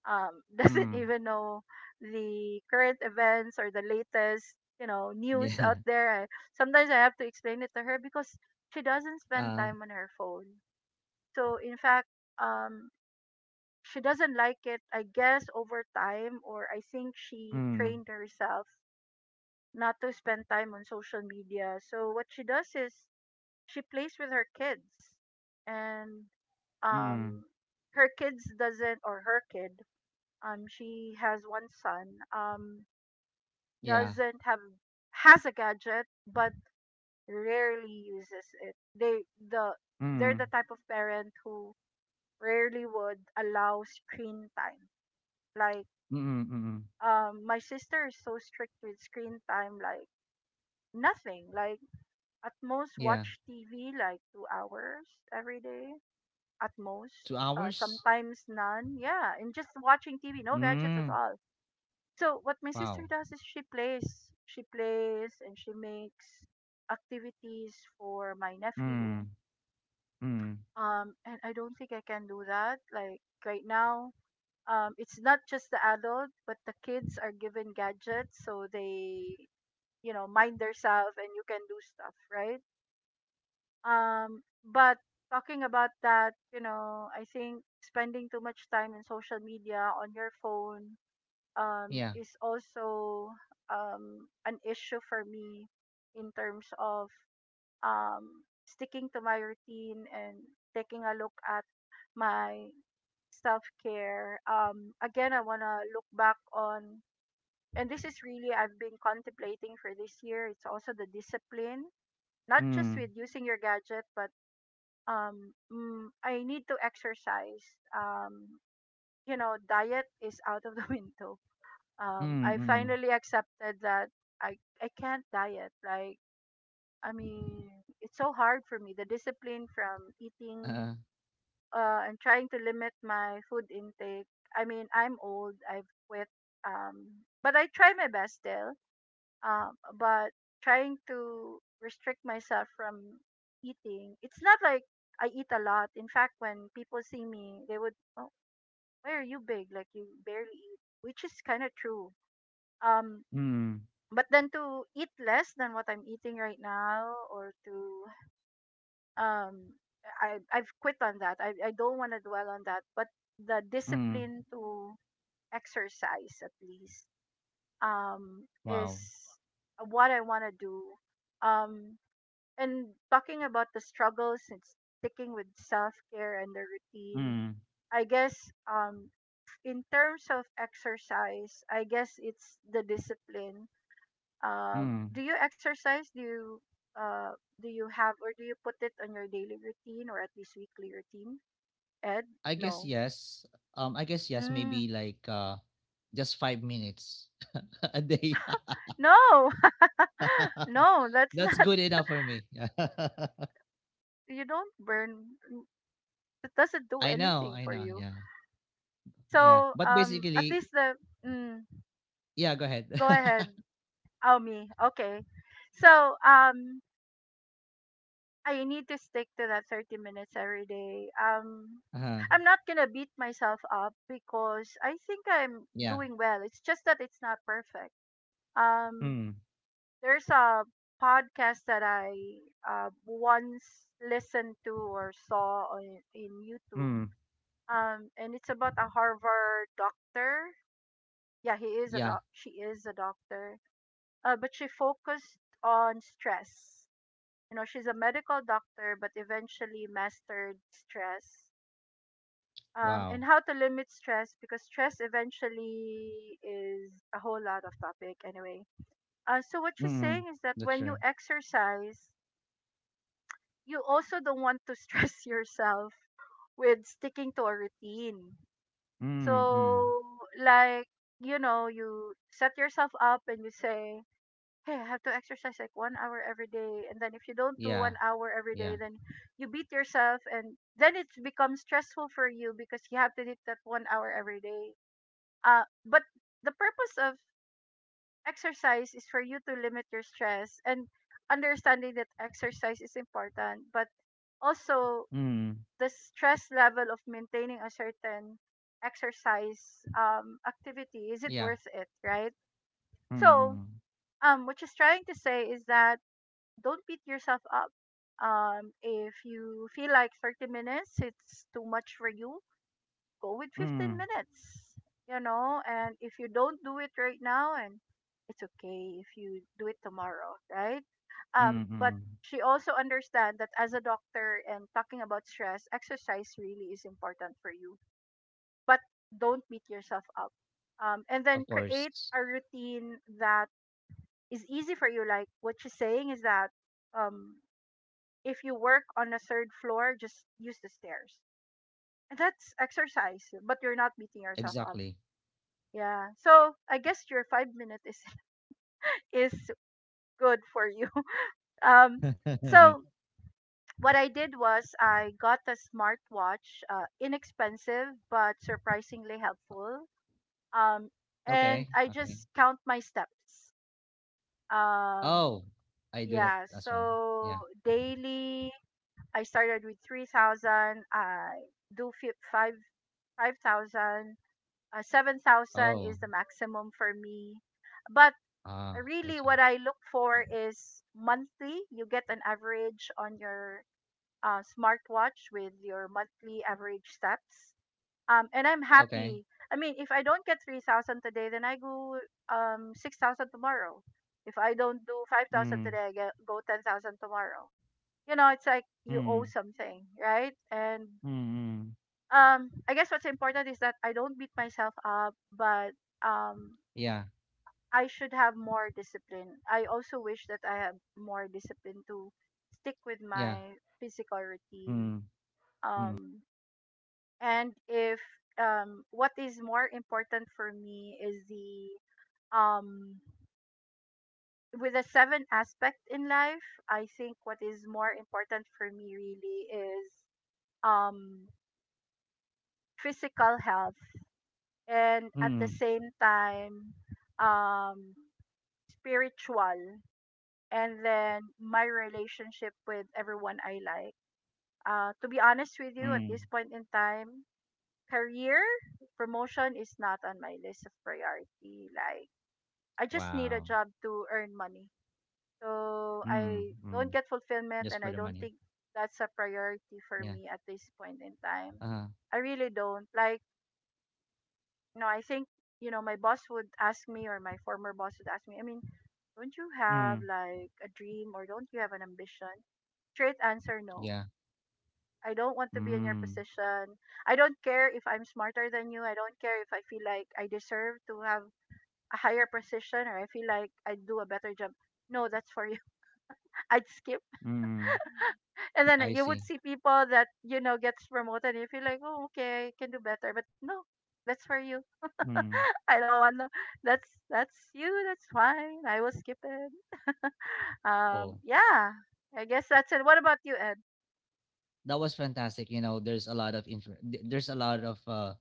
[SPEAKER 2] (laughs) doesn't
[SPEAKER 1] mm
[SPEAKER 2] even know the current events or the latest, news
[SPEAKER 1] yeah.
[SPEAKER 2] out there. Sometimes I have to explain it to her because she doesn't
[SPEAKER 1] (laughs)
[SPEAKER 2] spend
[SPEAKER 1] uh
[SPEAKER 2] time on her phone. So in fact, um, she doesn't like it. I guess over time, or I think she
[SPEAKER 1] mm
[SPEAKER 2] trained herself not to spend time on social media. So what she does is she plays with her kids and
[SPEAKER 1] mm
[SPEAKER 2] um her kid, she has one son. Um,
[SPEAKER 1] yeah.
[SPEAKER 2] doesn't have has a gadget but rarely uses it. The they're the
[SPEAKER 1] mm
[SPEAKER 2] type of parent who rarely would allow screen time, like,
[SPEAKER 1] mm mm, mm.
[SPEAKER 2] my sister is so strict with screen time. Like nothing, like at most
[SPEAKER 1] Yeah.
[SPEAKER 2] watch TV like 2 hours every day at most,
[SPEAKER 1] two hours
[SPEAKER 2] sometimes none. Yeah, and just watching TV, no gadgets at
[SPEAKER 1] Mm.
[SPEAKER 2] all. So what my sister
[SPEAKER 1] Wow.
[SPEAKER 2] does is she plays, and she makes activities for my nephew.
[SPEAKER 1] Mm, mm,
[SPEAKER 2] And I don't think I can do that. Like right now, it's not just the adult, but the kids are given gadgets, so they, you know, mind themselves, and you can do stuff, right? But talking about that, you know, I think spending too much time in social media on your phone
[SPEAKER 1] Iya.
[SPEAKER 2] is also an issue for me in terms of sticking to my routine and taking a look at my self care. Again, I want to look back on, and this is really I've been contemplating for this year. It's also the discipline, not just
[SPEAKER 1] mm,
[SPEAKER 2] with using your gadget, but I need to exercise. Um, you know, diet is out of the (laughs) window.
[SPEAKER 1] mm,
[SPEAKER 2] I
[SPEAKER 1] mm.
[SPEAKER 2] finally accepted that I I can't diet. Like, I mean, it's so hard for me. The discipline from eating
[SPEAKER 1] Heeh.
[SPEAKER 2] and trying to limit my food intake. I mean, I'm old. I've quit. But I try my best still, but trying to restrict myself from eating. It's not like I eat a lot. In fact, when people see me they would, oh, why are you big, like you barely eat, which is kind of true. um
[SPEAKER 1] Mm,
[SPEAKER 2] but then to eat less than what I'm eating right now, or to, um I've quit on that. I don't want to dwell on that, but the
[SPEAKER 1] mm,
[SPEAKER 2] discipline to exercise at least, is
[SPEAKER 1] Wow.
[SPEAKER 2] what I want to do. um and talking about the struggles and sticking with self care and the routine,
[SPEAKER 1] mm,
[SPEAKER 2] I guess, um, in terms of exercise, I guess it's the discipline.
[SPEAKER 1] mm.
[SPEAKER 2] Do you exercise? Uh, do you have, or do you put it on your daily routine or at least weekly routine? Ed,
[SPEAKER 1] I guess
[SPEAKER 2] no,
[SPEAKER 1] yes. I guess yes.
[SPEAKER 2] mm,
[SPEAKER 1] Maybe like just 5 minutes (laughs) a day.
[SPEAKER 2] no,
[SPEAKER 1] (laughs)
[SPEAKER 2] (laughs) no. That's
[SPEAKER 1] That's
[SPEAKER 2] not.
[SPEAKER 1] good enough for me. (laughs)
[SPEAKER 2] You don't burn. It doesn't do
[SPEAKER 1] I know.
[SPEAKER 2] anything
[SPEAKER 1] I
[SPEAKER 2] for
[SPEAKER 1] know.
[SPEAKER 2] you.
[SPEAKER 1] Yeah. Yeah.
[SPEAKER 2] So
[SPEAKER 1] But
[SPEAKER 2] at
[SPEAKER 1] basically,
[SPEAKER 2] least the mm,
[SPEAKER 1] yeah. Go ahead.
[SPEAKER 2] go ahead. Oh, me. Okay. So, I need to stick to that 30 minutes every day.
[SPEAKER 1] (laughs) Uh-huh.
[SPEAKER 2] I'm not gonna beat myself up because I think I'm
[SPEAKER 1] Yeah.
[SPEAKER 2] doing well. It's just that it's not perfect. Um,
[SPEAKER 1] Mm,
[SPEAKER 2] there's a podcast that I once listened to or saw on in YouTube.
[SPEAKER 1] mm,
[SPEAKER 2] And it's about a Harvard doctor. Yeah, he is a
[SPEAKER 1] Yeah.
[SPEAKER 2] doc. She is a doctor. But she focused on stress. You know, she's a medical doctor but eventually mastered stress,
[SPEAKER 1] Wow.
[SPEAKER 2] and how to limit stress because stress eventually is a whole lot of topic anyway. So what she's
[SPEAKER 1] mm,
[SPEAKER 2] saying is that
[SPEAKER 1] That's
[SPEAKER 2] when you
[SPEAKER 1] true.
[SPEAKER 2] exercise you also don't want to stress (laughs) yourself with sticking to a routine.
[SPEAKER 1] mm, mm.
[SPEAKER 2] So, like, you know, you set yourself up and you say, hey, I have to exercise like 1 hour every day. And then if you don't do
[SPEAKER 1] Yeah.
[SPEAKER 2] 1 hour every
[SPEAKER 1] Yeah.
[SPEAKER 2] day, then you beat yourself. And then it becomes stressful for you because you have to do that 1 hour every day. But the purpose of exercise is for you to limit your stress, and understanding that exercise is important, but also
[SPEAKER 1] Mm.
[SPEAKER 2] the stress level of maintaining a certain exercise, activity, is it
[SPEAKER 1] Yeah.
[SPEAKER 2] worth it, right? So
[SPEAKER 1] Mm.
[SPEAKER 2] what she's trying to say is that don't beat yourself up. If you feel like 30 minutes, it's too much for you, go with 15
[SPEAKER 1] Mm.
[SPEAKER 2] minutes, you know. And if you don't do it right now, and it's okay if you do it tomorrow, right? But
[SPEAKER 1] Mm.
[SPEAKER 2] she also understands that as a doctor and talking about stress, exercise really is important for you. But don't beat yourself up. And
[SPEAKER 1] Of
[SPEAKER 2] then create
[SPEAKER 1] course.
[SPEAKER 2] a routine that is easy for you. Like what she's saying is that, um, if you work on the third floor, just use the stairs. And that's exercise, but you're not beating yourself up.
[SPEAKER 1] Exactly.
[SPEAKER 2] Yeah. So I guess your 5 minutes is (laughs) is good for you. (laughs) Um.
[SPEAKER 1] (laughs)
[SPEAKER 2] So what I did was I got a smartwatch, inexpensive but surprisingly helpful. Um.
[SPEAKER 1] Okay.
[SPEAKER 2] And I
[SPEAKER 1] Okay.
[SPEAKER 2] just count my steps. Um.
[SPEAKER 1] Oh, I do that
[SPEAKER 2] Yeah.
[SPEAKER 1] as well.
[SPEAKER 2] So
[SPEAKER 1] Yeah.
[SPEAKER 2] daily, I started with 3,000. I do fi- five 5,000, 7,000
[SPEAKER 1] Oh.
[SPEAKER 2] is the maximum for me. But
[SPEAKER 1] Ah,
[SPEAKER 2] really,
[SPEAKER 1] gotcha.
[SPEAKER 2] what I look for is monthly. You get an average on your smartwatch with your monthly average steps. And I'm
[SPEAKER 1] Okay.
[SPEAKER 2] happy. I mean, if I don't get 3,000 today, then I go 6,000 tomorrow. If I don't do 5,000
[SPEAKER 1] Mm.
[SPEAKER 2] today, go 10,000 tomorrow. You know, it's like you
[SPEAKER 1] Mm.
[SPEAKER 2] owe something, right? And
[SPEAKER 1] Mm. Mm.
[SPEAKER 2] I guess what's important is that I don't beat myself up, but um
[SPEAKER 1] Yeah.
[SPEAKER 2] I should have more discipline. I also wish that I have more discipline to stick with
[SPEAKER 1] Yeah.
[SPEAKER 2] my physical
[SPEAKER 1] Mm.
[SPEAKER 2] routine.
[SPEAKER 1] Mm.
[SPEAKER 2] Um and if, what is more important for me is the, um with the seven aspect in life, I think what is more important for me really is, um physical health, and at
[SPEAKER 1] Mm.
[SPEAKER 2] the same time, um spiritual, and then my relationship with everyone I like. To be honest with you
[SPEAKER 1] Mm.
[SPEAKER 2] at this point in time, career promotion is not on my list of priority. Like I just need
[SPEAKER 1] Wow.
[SPEAKER 2] a job to earn money. So
[SPEAKER 1] Mm.
[SPEAKER 2] I
[SPEAKER 1] Mm.
[SPEAKER 2] don't get
[SPEAKER 1] Just for the
[SPEAKER 2] fulfillment and I
[SPEAKER 1] money.
[SPEAKER 2] don't think that's a priority
[SPEAKER 1] Yeah.
[SPEAKER 2] for me at this point in time.
[SPEAKER 1] Uh-huh.
[SPEAKER 2] I really don't. Like, no, I think, you know, my boss would ask me or my former boss would ask me, I mean, don't you
[SPEAKER 1] Mm.
[SPEAKER 2] have like a dream or don't you have an ambition? Straight answer,
[SPEAKER 1] Yeah.
[SPEAKER 2] no. I don't want to be in your
[SPEAKER 1] Mm.
[SPEAKER 2] position. I don't care if I'm smarter than you. I don't care if I feel like I deserve to have a higher position or I feel like I do a better job. No, that's for you. (laughs) I'd skip.
[SPEAKER 1] Mm.
[SPEAKER 2] And
[SPEAKER 1] I
[SPEAKER 2] then
[SPEAKER 1] see.
[SPEAKER 2] you would see people that, you know, gets promoted and you feel like, oh, okay, I can do better. But no, that's for you.
[SPEAKER 1] Mm.
[SPEAKER 2] (laughs) I don't want to. That's you. That's fine. I will skip it.
[SPEAKER 1] Cool.
[SPEAKER 2] Yeah. I guess that's it. What about you, Ed?
[SPEAKER 1] That was fantastic. You know, there's a lot of there's a lot of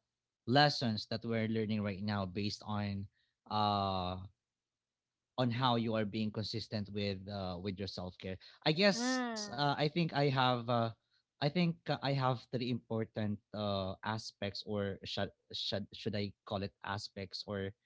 [SPEAKER 1] lessons that we're learning right now based uh on how you are being consistent with your self care. I guess
[SPEAKER 2] Mm.
[SPEAKER 1] I think I have I think I have three important aspects, or should I call it aspects, or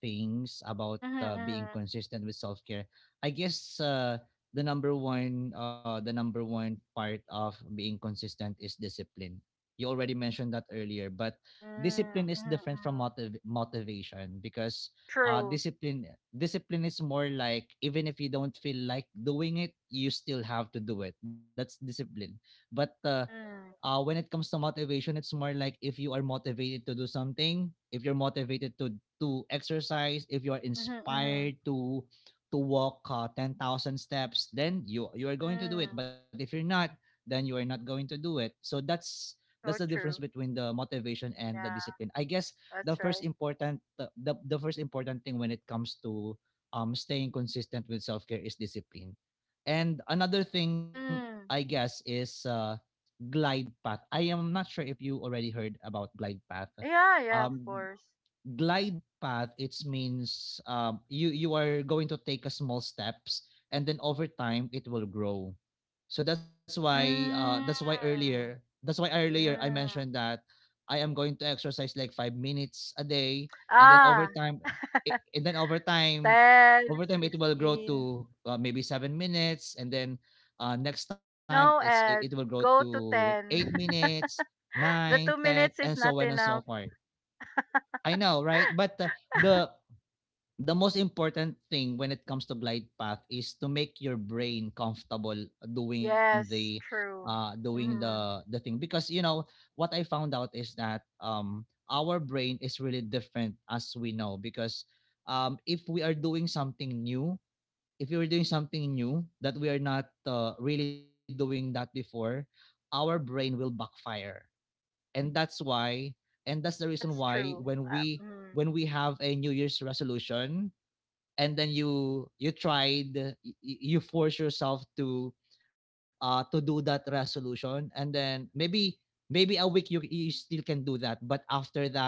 [SPEAKER 1] things about
[SPEAKER 2] Mhm.
[SPEAKER 1] being
[SPEAKER 2] Mhm.
[SPEAKER 1] consistent with self care. I guess the number one part of being consistent is discipline. You already mentioned that earlier. But
[SPEAKER 2] Mm.
[SPEAKER 1] discipline is
[SPEAKER 2] Mhm.
[SPEAKER 1] different from
[SPEAKER 2] Mhm.
[SPEAKER 1] motivation, because
[SPEAKER 2] True.
[SPEAKER 1] discipline, discipline is more like, even if you don't feel like doing it, you still have to do it. That's discipline. But
[SPEAKER 2] Mm.
[SPEAKER 1] When it comes to motivation, it's more like if you are motivated to do something, if you're motivated to exercise, if you're
[SPEAKER 2] Mhm. Mhm.
[SPEAKER 1] inspired to walk 10,000 steps, then you are going to do it.
[SPEAKER 2] Mm.
[SPEAKER 1] But if you're not, then you are not going to do it. So that's the
[SPEAKER 2] So
[SPEAKER 1] difference
[SPEAKER 2] true.
[SPEAKER 1] between the motivation and the
[SPEAKER 2] Yeah.
[SPEAKER 1] discipline. I guess the
[SPEAKER 2] That's
[SPEAKER 1] first
[SPEAKER 2] right.
[SPEAKER 1] important the first important thing when it comes to staying consistent with self care is discipline. And another thing, I
[SPEAKER 2] Mm.
[SPEAKER 1] guess, is glide path. I am not sure if you already heard about glide path.
[SPEAKER 2] Yeah. Yeah. Of
[SPEAKER 1] Um,
[SPEAKER 2] course.
[SPEAKER 1] Glide path, it means you, you are going to take a small steps, and then over time it will grow. So that's why
[SPEAKER 2] Mm.
[SPEAKER 1] that's why earlier I
[SPEAKER 2] Mm.
[SPEAKER 1] mentioned that I am going to exercise like 5 minutes a day, and then over
[SPEAKER 2] Ah.
[SPEAKER 1] time, I- and then over time,
[SPEAKER 2] 10,
[SPEAKER 1] over time, it will grow
[SPEAKER 2] 15.
[SPEAKER 1] to maybe 7 minutes. And then next time
[SPEAKER 2] No,
[SPEAKER 1] it will grow
[SPEAKER 2] Ed. Go
[SPEAKER 1] to
[SPEAKER 2] to
[SPEAKER 1] eight
[SPEAKER 2] 10.
[SPEAKER 1] minutes nine
[SPEAKER 2] The two
[SPEAKER 1] ten and
[SPEAKER 2] minutes
[SPEAKER 1] so
[SPEAKER 2] is
[SPEAKER 1] on and
[SPEAKER 2] not
[SPEAKER 1] so
[SPEAKER 2] enough.
[SPEAKER 1] far. I know, right? But the the most important thing when it comes to glide path is to make your brain comfortable doing the
[SPEAKER 2] Yes, true. Mm-hmm.
[SPEAKER 1] the thing, because you know, what I found out is that our brain is really different, as we know, because if we are doing something new, if you're doing something new that we are not really doing that before, our brain will backfire. And that's why, and that's the reason
[SPEAKER 2] That's
[SPEAKER 1] why,
[SPEAKER 2] true.
[SPEAKER 1] when we,
[SPEAKER 2] Mm.
[SPEAKER 1] when we have a new year's resolution, and then you, you force yourself to do that resolution, and then maybe, maybe a week you, you still can do that, but after that,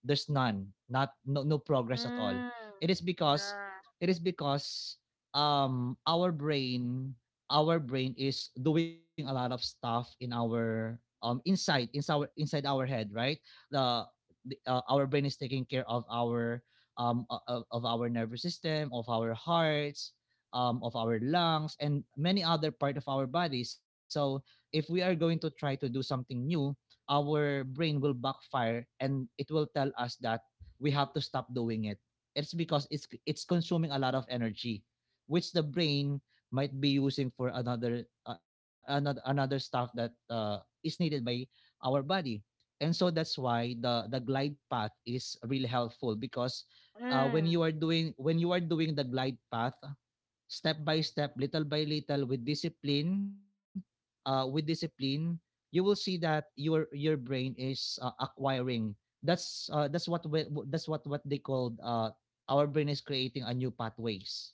[SPEAKER 1] there's none, not no, no progress at all.
[SPEAKER 2] Mm.
[SPEAKER 1] It is because,
[SPEAKER 2] Yeah.
[SPEAKER 1] it is because our brain, our brain is doing a lot of stuff in our inside inside our head, right? the, the Our brain is taking care of our of our nervous system, of our hearts, of our lungs, and many other part of our body. So if we are going to try to do something new, our brain will backfire, and it will tell us that we have to stop doing it. It's because it's consuming a lot of energy, which the brain might be using for another another stuff that is needed by our body. And so that's why the glide path is really helpful, because
[SPEAKER 2] Mm.
[SPEAKER 1] when you are doing the glide path step by step, little by little, with discipline, you will see that your brain is acquiring. That's that's what they called, our brain is creating a new pathways.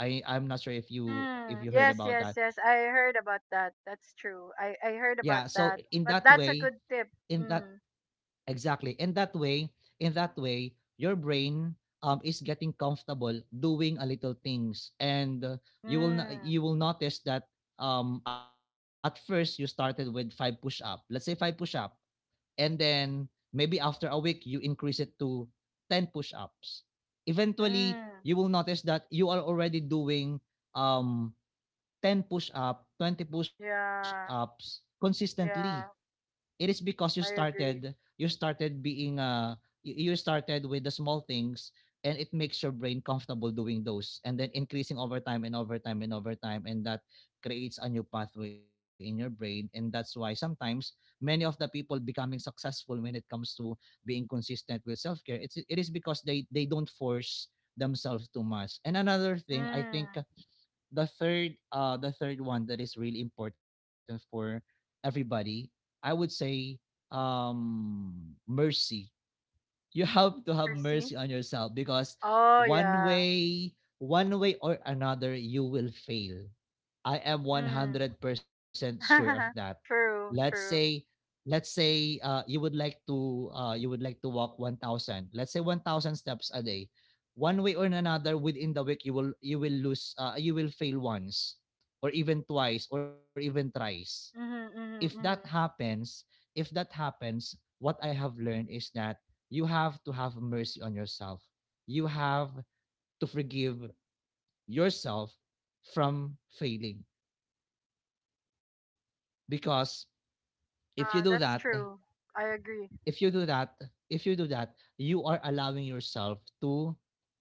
[SPEAKER 1] I'm not sure if
[SPEAKER 2] Mm.
[SPEAKER 1] you heard
[SPEAKER 2] Yes,
[SPEAKER 1] about
[SPEAKER 2] yes,
[SPEAKER 1] that.
[SPEAKER 2] yes. I heard about that. That's true.
[SPEAKER 1] Yeah.
[SPEAKER 2] I
[SPEAKER 1] So
[SPEAKER 2] heard
[SPEAKER 1] in
[SPEAKER 2] about
[SPEAKER 1] that
[SPEAKER 2] that.
[SPEAKER 1] way,
[SPEAKER 2] But that's a good
[SPEAKER 1] in
[SPEAKER 2] tip.
[SPEAKER 1] that,
[SPEAKER 2] Mm.
[SPEAKER 1] exactly. And that way, in that way, your brain is getting comfortable doing a little things. And you will
[SPEAKER 2] Mm.
[SPEAKER 1] you will notice that at first you started with five push up. Let's say five push up, and then maybe after a week you increase it to ten push ups. Eventually, you
[SPEAKER 2] Mm.
[SPEAKER 1] will notice that you are already doing um, 10 push up, 20 push ups
[SPEAKER 2] Yeah.
[SPEAKER 1] consistently.
[SPEAKER 2] Yeah.
[SPEAKER 1] It is because you
[SPEAKER 2] I
[SPEAKER 1] started you
[SPEAKER 2] agree.
[SPEAKER 1] started being you started with the small things, and it makes your brain comfortable doing those, and then increasing over time and over time and over time. And that creates a new pathway in your brain, and that's why sometimes many of the people becoming successful when it comes to being consistent with self-care, it is because they don't force themselves too much. And another thing I think,
[SPEAKER 2] Mm.
[SPEAKER 1] the third one that is really important for everybody, I would say, um mercy. You have to have mercy
[SPEAKER 2] Mercy.
[SPEAKER 1] on yourself, because
[SPEAKER 2] Oh,
[SPEAKER 1] one
[SPEAKER 2] yeah.
[SPEAKER 1] way one way or another you will fail. I am
[SPEAKER 2] Mm.
[SPEAKER 1] 100% sure of that.
[SPEAKER 2] (laughs)
[SPEAKER 1] let's
[SPEAKER 2] True,
[SPEAKER 1] say
[SPEAKER 2] true.
[SPEAKER 1] let's say uh, you would like to walk 1,000, let's say, 1,000 steps a day. One way or another, within the week you will fail once, or even twice, or even thrice. if
[SPEAKER 2] Mm-hmm,
[SPEAKER 1] that
[SPEAKER 2] mm-hmm, mm-hmm.
[SPEAKER 1] happens, if that happens, what I have learned is that you have to have mercy on yourself. You have to forgive yourself from failing, because if you do
[SPEAKER 2] Yeah,
[SPEAKER 1] that,
[SPEAKER 2] that's true. I agree.
[SPEAKER 1] if you do that, if you do that, you are allowing yourself to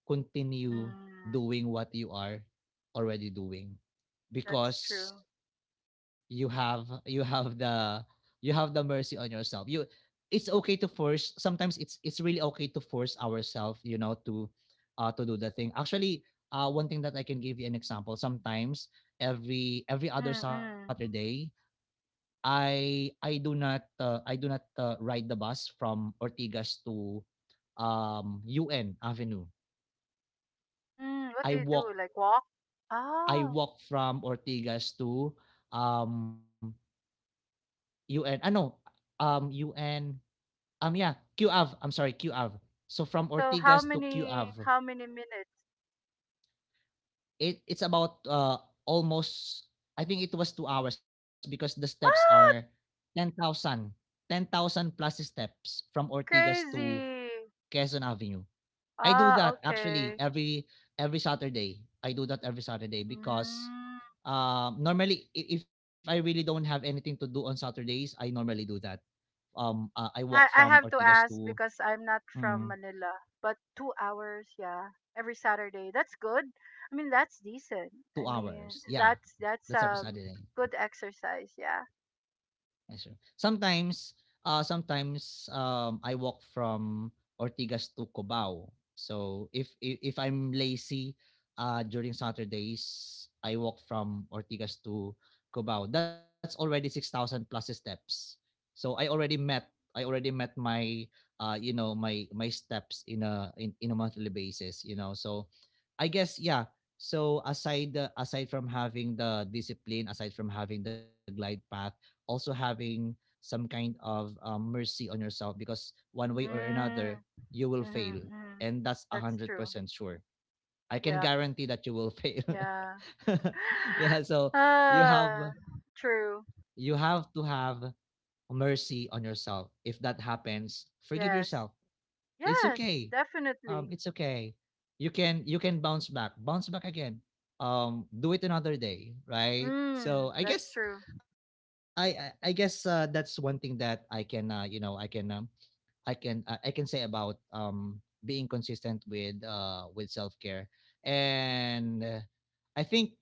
[SPEAKER 1] continue
[SPEAKER 2] Mm,
[SPEAKER 1] doing what you are already doing,
[SPEAKER 2] that's true.
[SPEAKER 1] because you have you have the you have the mercy on yourself. You It's okay to force sometimes. It's really okay to force ourselves, to do the thing actually. One thing that I can give you an example: sometimes every other
[SPEAKER 2] Mm, mm.
[SPEAKER 1] Saturday, I do not ride the bus from Ortigas to un avenue.
[SPEAKER 2] Mm, what do
[SPEAKER 1] i
[SPEAKER 2] you do?
[SPEAKER 1] walk
[SPEAKER 2] Like walk?
[SPEAKER 1] i
[SPEAKER 2] Oh,
[SPEAKER 1] walk from Ortigas to um un, no, un, yeah, QAV. I'm sorry, QAV. So from
[SPEAKER 2] so how
[SPEAKER 1] Ortigas to
[SPEAKER 2] many,
[SPEAKER 1] QAV,
[SPEAKER 2] minutes?
[SPEAKER 1] it's about almost, I think it was 2 hours, because the steps are
[SPEAKER 2] Wow,
[SPEAKER 1] 10,000, 10,000 plus steps from Ortigas to
[SPEAKER 2] crazy.
[SPEAKER 1] Quezon Avenue. I do
[SPEAKER 2] Ah,
[SPEAKER 1] that actually
[SPEAKER 2] okay.
[SPEAKER 1] every Saturday. I do that every Saturday because
[SPEAKER 2] Mm.
[SPEAKER 1] if I really don't have anything to do on Saturdays, I normally do that. I walk
[SPEAKER 2] I
[SPEAKER 1] from
[SPEAKER 2] I have to
[SPEAKER 1] Ortigas
[SPEAKER 2] ask
[SPEAKER 1] to,
[SPEAKER 2] because I'm not from
[SPEAKER 1] hmm,
[SPEAKER 2] Manila, but 2 hours, yeah, every Saturday. That's good. I mean, that's decent.
[SPEAKER 1] two
[SPEAKER 2] I mean,
[SPEAKER 1] hours. Yeah,
[SPEAKER 2] that's
[SPEAKER 1] that's every Saturday.
[SPEAKER 2] good exercise, yeah.
[SPEAKER 1] Yes, sir. Sometimes, I walk from Ortigas to Cubao. So if I'm lazy during Saturdays, I walk from Ortigas to Cubao. That's already 6,000 plus steps. So I already met my my steps in a in a monthly basis. You know, so I guess, yeah. So aside from having the discipline, aside from having the glide path, also having some kind of mercy on yourself, because one way or
[SPEAKER 2] Mm.
[SPEAKER 1] another you will
[SPEAKER 2] Mhm,
[SPEAKER 1] fail,
[SPEAKER 2] mhm.
[SPEAKER 1] and that's a
[SPEAKER 2] That's
[SPEAKER 1] hundred
[SPEAKER 2] true.
[SPEAKER 1] percent sure. I can
[SPEAKER 2] Yep.
[SPEAKER 1] guarantee that you will fail.
[SPEAKER 2] Yeah.
[SPEAKER 1] (laughs)
[SPEAKER 2] (gasps)
[SPEAKER 1] Yeah, so you have
[SPEAKER 2] Ah,
[SPEAKER 1] you
[SPEAKER 2] true.
[SPEAKER 1] have to have mercy on yourself. If that happens, forgive yourself,
[SPEAKER 2] Yes.
[SPEAKER 1] it's okay.
[SPEAKER 2] Yes, definitely.
[SPEAKER 1] It's okay, you can bounce back, bounce back again. Do it another day, right?
[SPEAKER 2] Mm,
[SPEAKER 1] So I
[SPEAKER 2] that's
[SPEAKER 1] guess,
[SPEAKER 2] true.
[SPEAKER 1] i I guess that's one thing that I can say about being consistent with self-care. And I think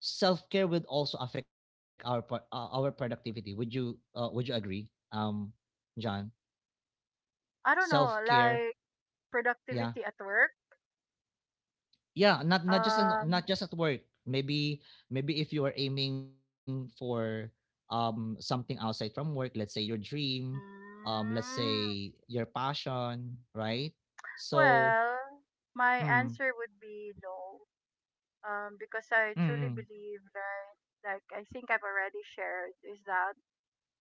[SPEAKER 1] self-care would also affect our productivity. Would you agree, John?
[SPEAKER 2] I don't know,
[SPEAKER 1] Self-care.
[SPEAKER 2] like
[SPEAKER 1] Yeah.
[SPEAKER 2] productivity at work.
[SPEAKER 1] Yeah, not just
[SPEAKER 2] Um,
[SPEAKER 1] not just at work. Maybe maybe if you are aiming for something outside from work, let's say your dream, let's
[SPEAKER 2] mm,
[SPEAKER 1] say your passion, right? So,
[SPEAKER 2] well, my
[SPEAKER 1] mm,
[SPEAKER 2] answer would be no. Because I
[SPEAKER 1] mm,
[SPEAKER 2] truly
[SPEAKER 1] mm,
[SPEAKER 2] believe that, like I think I've already shared, is that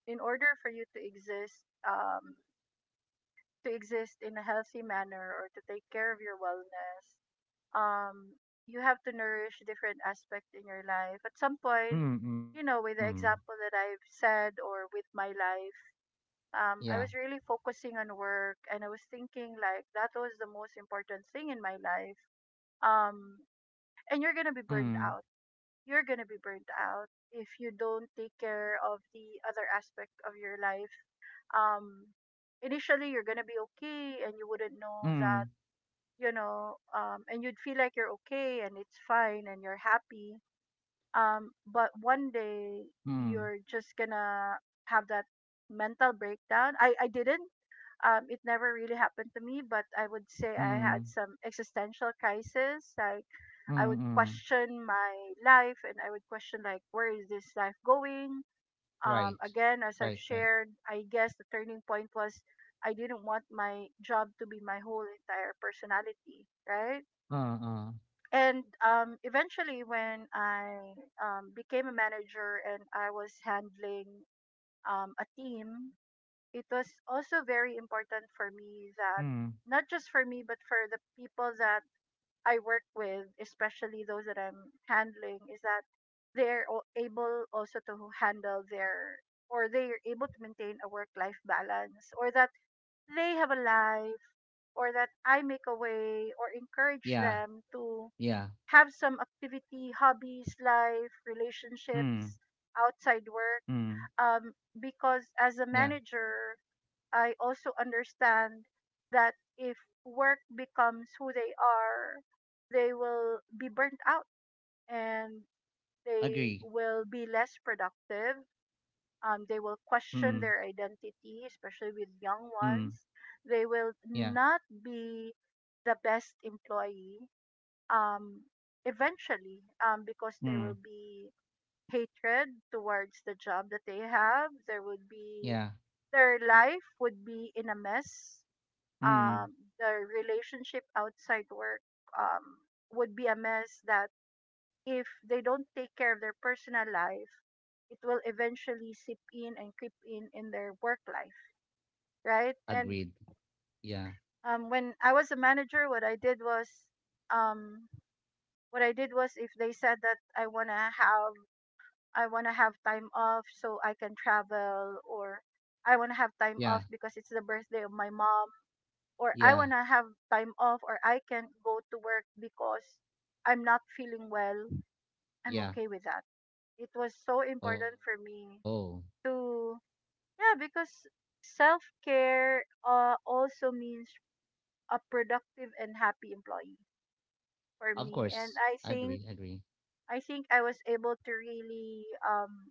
[SPEAKER 2] in order for you to exist in a healthy manner or to take care of your wellness, um, you have to nourish different aspects in your life. At some point,
[SPEAKER 1] mm,
[SPEAKER 2] you
[SPEAKER 1] mm,
[SPEAKER 2] know, with the example that I've said or with my life, I
[SPEAKER 1] yeah,
[SPEAKER 2] was really focusing on work and I was thinking like that was the most important thing in my life. Um, and you're going to be burned
[SPEAKER 1] mm,
[SPEAKER 2] out. You're going to be burnt out if you don't take care of the other aspect of your life. Um, Initially, you're going to be okay and you wouldn't know that
[SPEAKER 1] mm,
[SPEAKER 2] you know, um, And you'd feel like you're okay and it's fine and you're happy. But one
[SPEAKER 1] mm,
[SPEAKER 2] day you're just gonna have that mental breakdown. I didn't. It never really happened to me, but I would say I had
[SPEAKER 1] mm,
[SPEAKER 2] some existential crisis. Like
[SPEAKER 1] mm,
[SPEAKER 2] I would
[SPEAKER 1] mm,
[SPEAKER 2] question my life and I would question like where is this life going?
[SPEAKER 1] right, right, right,
[SPEAKER 2] Again, as I've shared, I guess the turning point was I didn't want my job to be my whole entire personality, right?
[SPEAKER 1] uh, uh,
[SPEAKER 2] And eventually when I became a manager and I was handling a team, it was also very important for me that
[SPEAKER 1] mm,
[SPEAKER 2] not just for me but for the people that I work with, especially those that I'm handling, is that able also to handle their or they're able to maintain a work life balance, or that they have a life, or that I make a way or encourage
[SPEAKER 1] yeah,
[SPEAKER 2] them to
[SPEAKER 1] yeah,
[SPEAKER 2] have some activity, hobbies, life,
[SPEAKER 1] mm,
[SPEAKER 2] relationships, outside
[SPEAKER 1] mm,
[SPEAKER 2] work. Um,
[SPEAKER 1] yeah,
[SPEAKER 2] because as a manager, I also understand that if work becomes who they are, they will be burnt out and they
[SPEAKER 1] agree,
[SPEAKER 2] will be less productive. They will
[SPEAKER 1] mm,
[SPEAKER 2] question their identity, especially with young
[SPEAKER 1] mm,
[SPEAKER 2] ones. They will
[SPEAKER 1] yeah,
[SPEAKER 2] not be the best employee um, because there will
[SPEAKER 1] mm,
[SPEAKER 2] be hatred towards the job that they have. There would be
[SPEAKER 1] yeah.
[SPEAKER 2] Their life would be in a mess.
[SPEAKER 1] Mm.
[SPEAKER 2] Their relationship outside work um, would be a mess. That if they don't take care of their personal life, it will eventually
[SPEAKER 1] Yeah.
[SPEAKER 2] seep in and creep in their work life, right? And
[SPEAKER 1] Agreed. Yeah.
[SPEAKER 2] um, when I was a manager, um, what I did was if they said that I want to have time off so I can travel, or I want to have time off
[SPEAKER 1] Yeah.
[SPEAKER 2] because it's the birthday of my mom, or I want
[SPEAKER 1] Yeah.
[SPEAKER 2] to have time off, or I can't go to work because I'm not feeling well. I'm
[SPEAKER 1] Yeah.
[SPEAKER 2] okay with that. It was so important
[SPEAKER 1] Oh.
[SPEAKER 2] for me to, yeah, because self-care also means a productive and happy employee for
[SPEAKER 1] Of
[SPEAKER 2] me, and
[SPEAKER 1] course. Agree. Agree.
[SPEAKER 2] I think I was able to really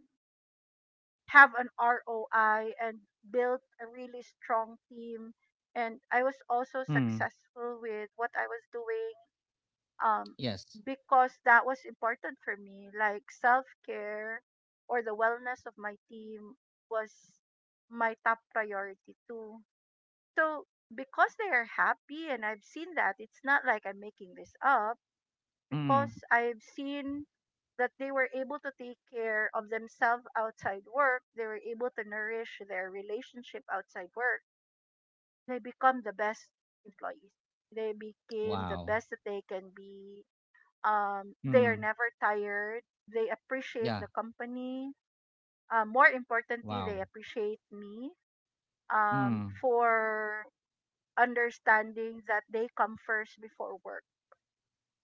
[SPEAKER 2] have an ROI and built a really strong team. And I was
[SPEAKER 1] Mm.
[SPEAKER 2] also successful with what I was doing um,
[SPEAKER 1] Yes.
[SPEAKER 2] because that was important for me. Like self care or the wellness of my team was my top priority too. So because they are happy, and I've seen that, it's not like I'm making this up,
[SPEAKER 1] Mm.
[SPEAKER 2] because I've seen that they were able to take care of themselves outside work. They were able to nourish their relationship outside work. They become the best employees. They became the
[SPEAKER 1] Wow.
[SPEAKER 2] best that they can be. They are
[SPEAKER 1] Mm.
[SPEAKER 2] never tired. They appreciate the
[SPEAKER 1] Yeah.
[SPEAKER 2] company. More
[SPEAKER 1] Wow.
[SPEAKER 2] importantly, they appreciate me,
[SPEAKER 1] Mm.
[SPEAKER 2] for understanding that they come first before work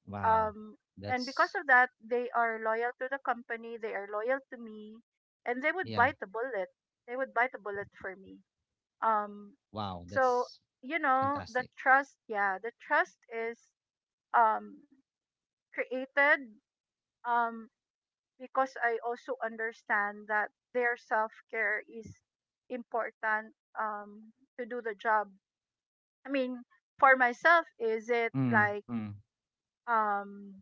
[SPEAKER 1] Wow.
[SPEAKER 2] um and because
[SPEAKER 1] That's
[SPEAKER 2] of that they are loyal to the company, they are loyal to me,
[SPEAKER 1] yeah.
[SPEAKER 2] and they would bite the bullet for me, um
[SPEAKER 1] Wow. That's
[SPEAKER 2] so, you know,
[SPEAKER 1] fantastic.
[SPEAKER 2] the trust, yeah, the trust is um created, um because I also understand that their self-care is important, to do the job.
[SPEAKER 1] Mm. Mm.
[SPEAKER 2] i mean for myself is it like um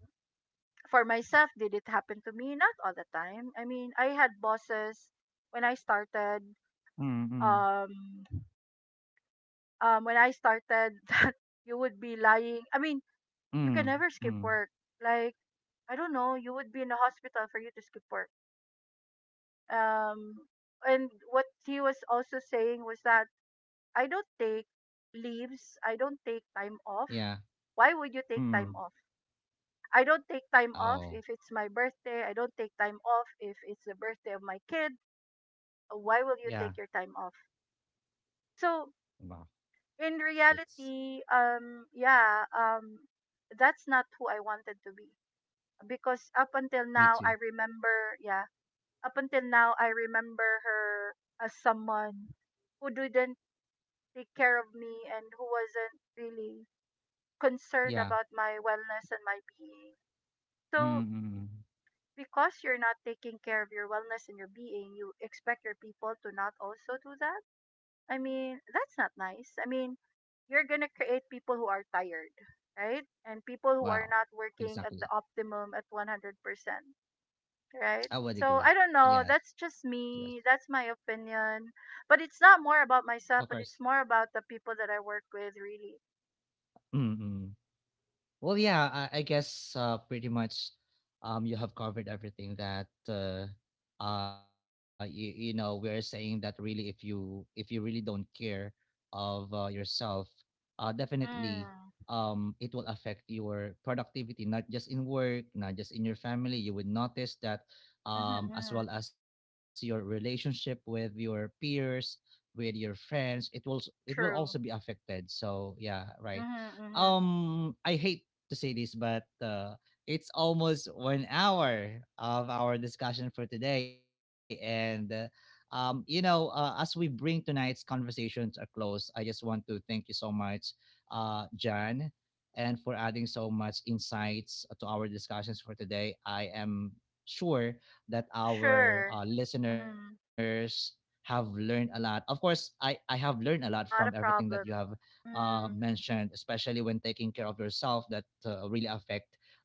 [SPEAKER 2] for myself, did it happen to me? Not all the time. I mean, I had bosses when I
[SPEAKER 1] Mm. Mm.
[SPEAKER 2] started. Um, when I started, (laughs) that you would be lying. I mean,
[SPEAKER 1] Mm.
[SPEAKER 2] you
[SPEAKER 1] Mm.
[SPEAKER 2] can never skip work. Like, I don't know, you would be in a hospital for you to skip work. Um, and what he was also saying was that I don't take leaves. I don't take time
[SPEAKER 1] Yeah.
[SPEAKER 2] off. Why would you
[SPEAKER 1] Mm.
[SPEAKER 2] take time off? I don't take time
[SPEAKER 1] Oh.
[SPEAKER 2] off if it's my birthday. I don't take time off if it's the birthday of my kid. Why will
[SPEAKER 1] Yeah.
[SPEAKER 2] you take your time off? So
[SPEAKER 1] Wow.
[SPEAKER 2] in
[SPEAKER 1] That's
[SPEAKER 2] reality, yeah, that's not who I wanted to be, because up until
[SPEAKER 1] me
[SPEAKER 2] now
[SPEAKER 1] too.
[SPEAKER 2] I remember, yeah, up until now I remember her as someone who didn't take care of me and who wasn't really
[SPEAKER 1] Yeah.
[SPEAKER 2] concerned about my wellness and my being.
[SPEAKER 1] Mm.
[SPEAKER 2] So
[SPEAKER 1] Mm. Mm.
[SPEAKER 2] because you're not taking care of your wellness and your being, you expect your people to not also do that. I mean, that's not nice. I mean, you're gonna create people who are tired, right? And people who are
[SPEAKER 1] Wow.
[SPEAKER 2] not working at
[SPEAKER 1] Exactly.
[SPEAKER 2] the optimum at 100%, right?
[SPEAKER 1] I would
[SPEAKER 2] So
[SPEAKER 1] agree.
[SPEAKER 2] I don't know.
[SPEAKER 1] Yes,
[SPEAKER 2] That's
[SPEAKER 1] yes.
[SPEAKER 2] just me. That's my opinion. But it's not more
[SPEAKER 1] Of
[SPEAKER 2] about
[SPEAKER 1] course.
[SPEAKER 2] myself, but it's more about the people that I work with, really.
[SPEAKER 1] Mm-mm. Well, yeah, I guess pretty much you have covered everything that we're saying that really, if you really don't care of yourself, definitely
[SPEAKER 2] Mm.
[SPEAKER 1] it will affect your productivity, not just in work, not just in your family. You would notice that
[SPEAKER 2] Mm-hmm,
[SPEAKER 1] as
[SPEAKER 2] mm-hmm.
[SPEAKER 1] well as your relationship with your peers, with your friends, it will also be
[SPEAKER 2] True.
[SPEAKER 1] affected. So yeah, right.
[SPEAKER 2] Mm-hmm, mm-hmm.
[SPEAKER 1] I hate to say this, but it's almost 1 hour of our discussion for today. And, as we bring tonight's conversations a close, I just want to thank you so much, Jan, and for adding so much insights to our discussions for today. I am sure that our
[SPEAKER 2] Sure. Mm-hmm.
[SPEAKER 1] listeners have learned a lot. Of course, I have learned a lot from everything
[SPEAKER 2] Not a
[SPEAKER 1] that you have
[SPEAKER 2] problem. Mm.
[SPEAKER 1] mentioned, especially when taking care of yourself, that really affect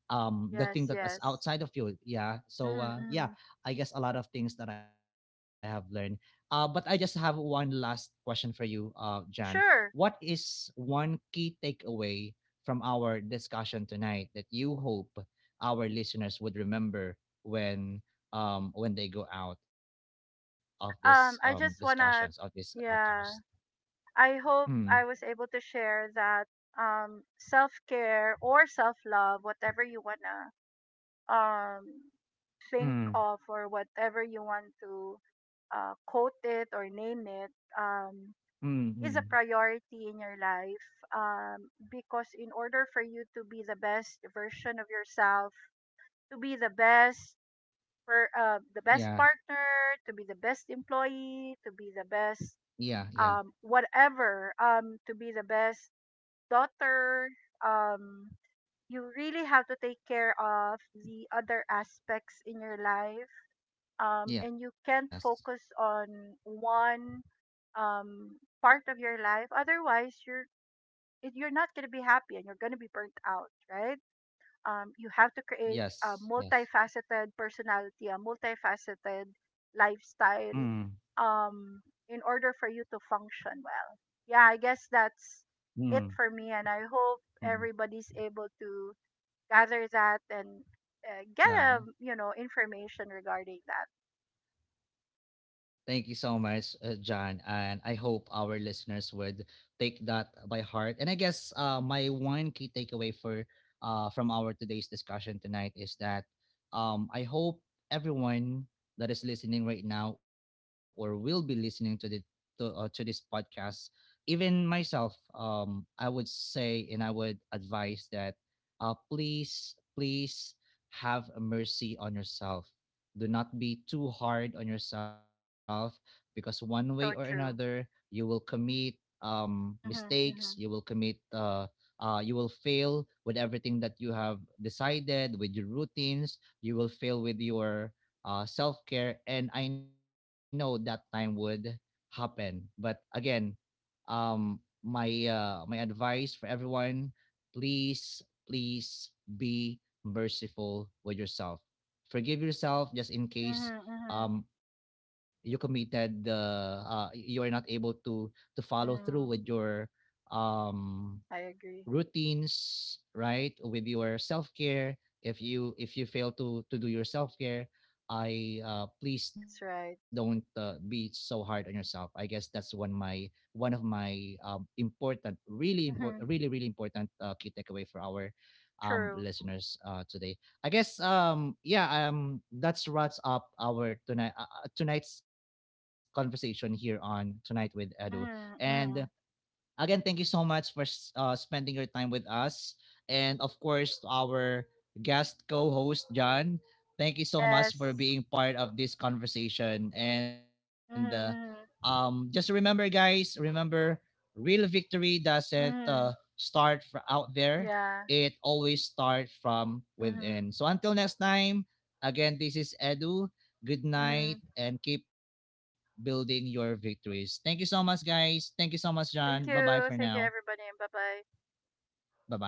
[SPEAKER 1] the thing
[SPEAKER 2] Yes,
[SPEAKER 1] that is
[SPEAKER 2] yes.
[SPEAKER 1] outside of you. Yeah. So
[SPEAKER 2] Mm-hmm,
[SPEAKER 1] yeah,
[SPEAKER 2] mm-hmm.
[SPEAKER 1] I guess a lot of things that I have learned. But I just have one last question for you, Jan. What
[SPEAKER 2] Sure.
[SPEAKER 1] is one key takeaway from our discussion tonight that you hope our listeners would remember when they go out of this discussions
[SPEAKER 2] I
[SPEAKER 1] of
[SPEAKER 2] just
[SPEAKER 1] this
[SPEAKER 2] wanna,
[SPEAKER 1] podcast?
[SPEAKER 2] yeah. I
[SPEAKER 1] Mm,
[SPEAKER 2] hope I was able to share that self care or self love, whatever you wanna um think
[SPEAKER 1] mm,
[SPEAKER 2] of or whatever you want to quote it or name it, um, is
[SPEAKER 1] mm,
[SPEAKER 2] a
[SPEAKER 1] mm.
[SPEAKER 2] priority in your life, because in order for you to be the best version of yourself, to be the best the best
[SPEAKER 1] Yeah,
[SPEAKER 2] partner, to be the best employee, to be the best
[SPEAKER 1] yeah, yeah.
[SPEAKER 2] whatever, to be the best daughter, um you really have to take care of the other aspects in your life, and you can't
[SPEAKER 1] Yes.
[SPEAKER 2] focus on one um part of your life, otherwise you're not going to be happy and you're going to be burnt out, right? You have to create
[SPEAKER 1] Yes,
[SPEAKER 2] a
[SPEAKER 1] yes.
[SPEAKER 2] multifaceted personality, a multifaceted lifestyle,
[SPEAKER 1] Mm,
[SPEAKER 2] um, in order for you to function well. Yeah, I guess that's
[SPEAKER 1] mm,
[SPEAKER 2] it for me, and I hope
[SPEAKER 1] mm.
[SPEAKER 2] everybody's able to gather that and get a, you know,
[SPEAKER 1] Wow.
[SPEAKER 2] information regarding that.
[SPEAKER 1] Thank you so much, John. And I hope our listeners would take that by heart. And I guess my one key takeaway for from our today's discussion tonight is that, I hope everyone that is listening right now, or will be listening to the to this podcast, even myself, I would say and I would advise that, please, please have mercy on yourself. Do not be too hard on yourself, because one way or
[SPEAKER 2] So
[SPEAKER 1] another
[SPEAKER 2] true.
[SPEAKER 1] you will commit
[SPEAKER 2] Mhm.
[SPEAKER 1] mistakes.
[SPEAKER 2] Mhm.
[SPEAKER 1] You will fail with everything that you have decided, with your routines. You will fail with your self-care, and I know that time would happen. But again, um my my advice for everyone: please, please be merciful with yourself, forgive yourself just in case
[SPEAKER 2] Mhm. Mhm.
[SPEAKER 1] you committed the you are not able to follow through with
[SPEAKER 2] Mm,
[SPEAKER 1] your um
[SPEAKER 2] I agree.
[SPEAKER 1] routines, right? With your self-care. If you fail to do your self-care, I please
[SPEAKER 2] That's
[SPEAKER 1] don't
[SPEAKER 2] right.
[SPEAKER 1] be so hard on yourself. I guess that's one of my important, really
[SPEAKER 2] Mhm.
[SPEAKER 1] really important key takeaway for our
[SPEAKER 2] True.
[SPEAKER 1] listeners today. I guess yeah, that's wraps up our tonight's conversation here on Tonight with Edu. And
[SPEAKER 2] Mhm. Mhm.
[SPEAKER 1] again, thank you so much for spending your time with us. And of course, to our guest co host, John, thank you so much for
[SPEAKER 2] Yes.
[SPEAKER 1] being part of this conversation. And
[SPEAKER 2] Mm-hmm, mm-hmm.
[SPEAKER 1] just remember, guys, remember: real victory doesn't
[SPEAKER 2] Mhm.
[SPEAKER 1] start out there,
[SPEAKER 2] Yeah.
[SPEAKER 1] it always starts from within.
[SPEAKER 2] Mhm.
[SPEAKER 1] So until next time, again, this is Edu. Good night,
[SPEAKER 2] Mhm.
[SPEAKER 1] and keep building your victories. Thank you so much, guys. Thank you so much, John. Bye bye
[SPEAKER 2] Thank
[SPEAKER 1] for now.
[SPEAKER 2] you. Thank you everybody, bye-bye.
[SPEAKER 1] Bye bye.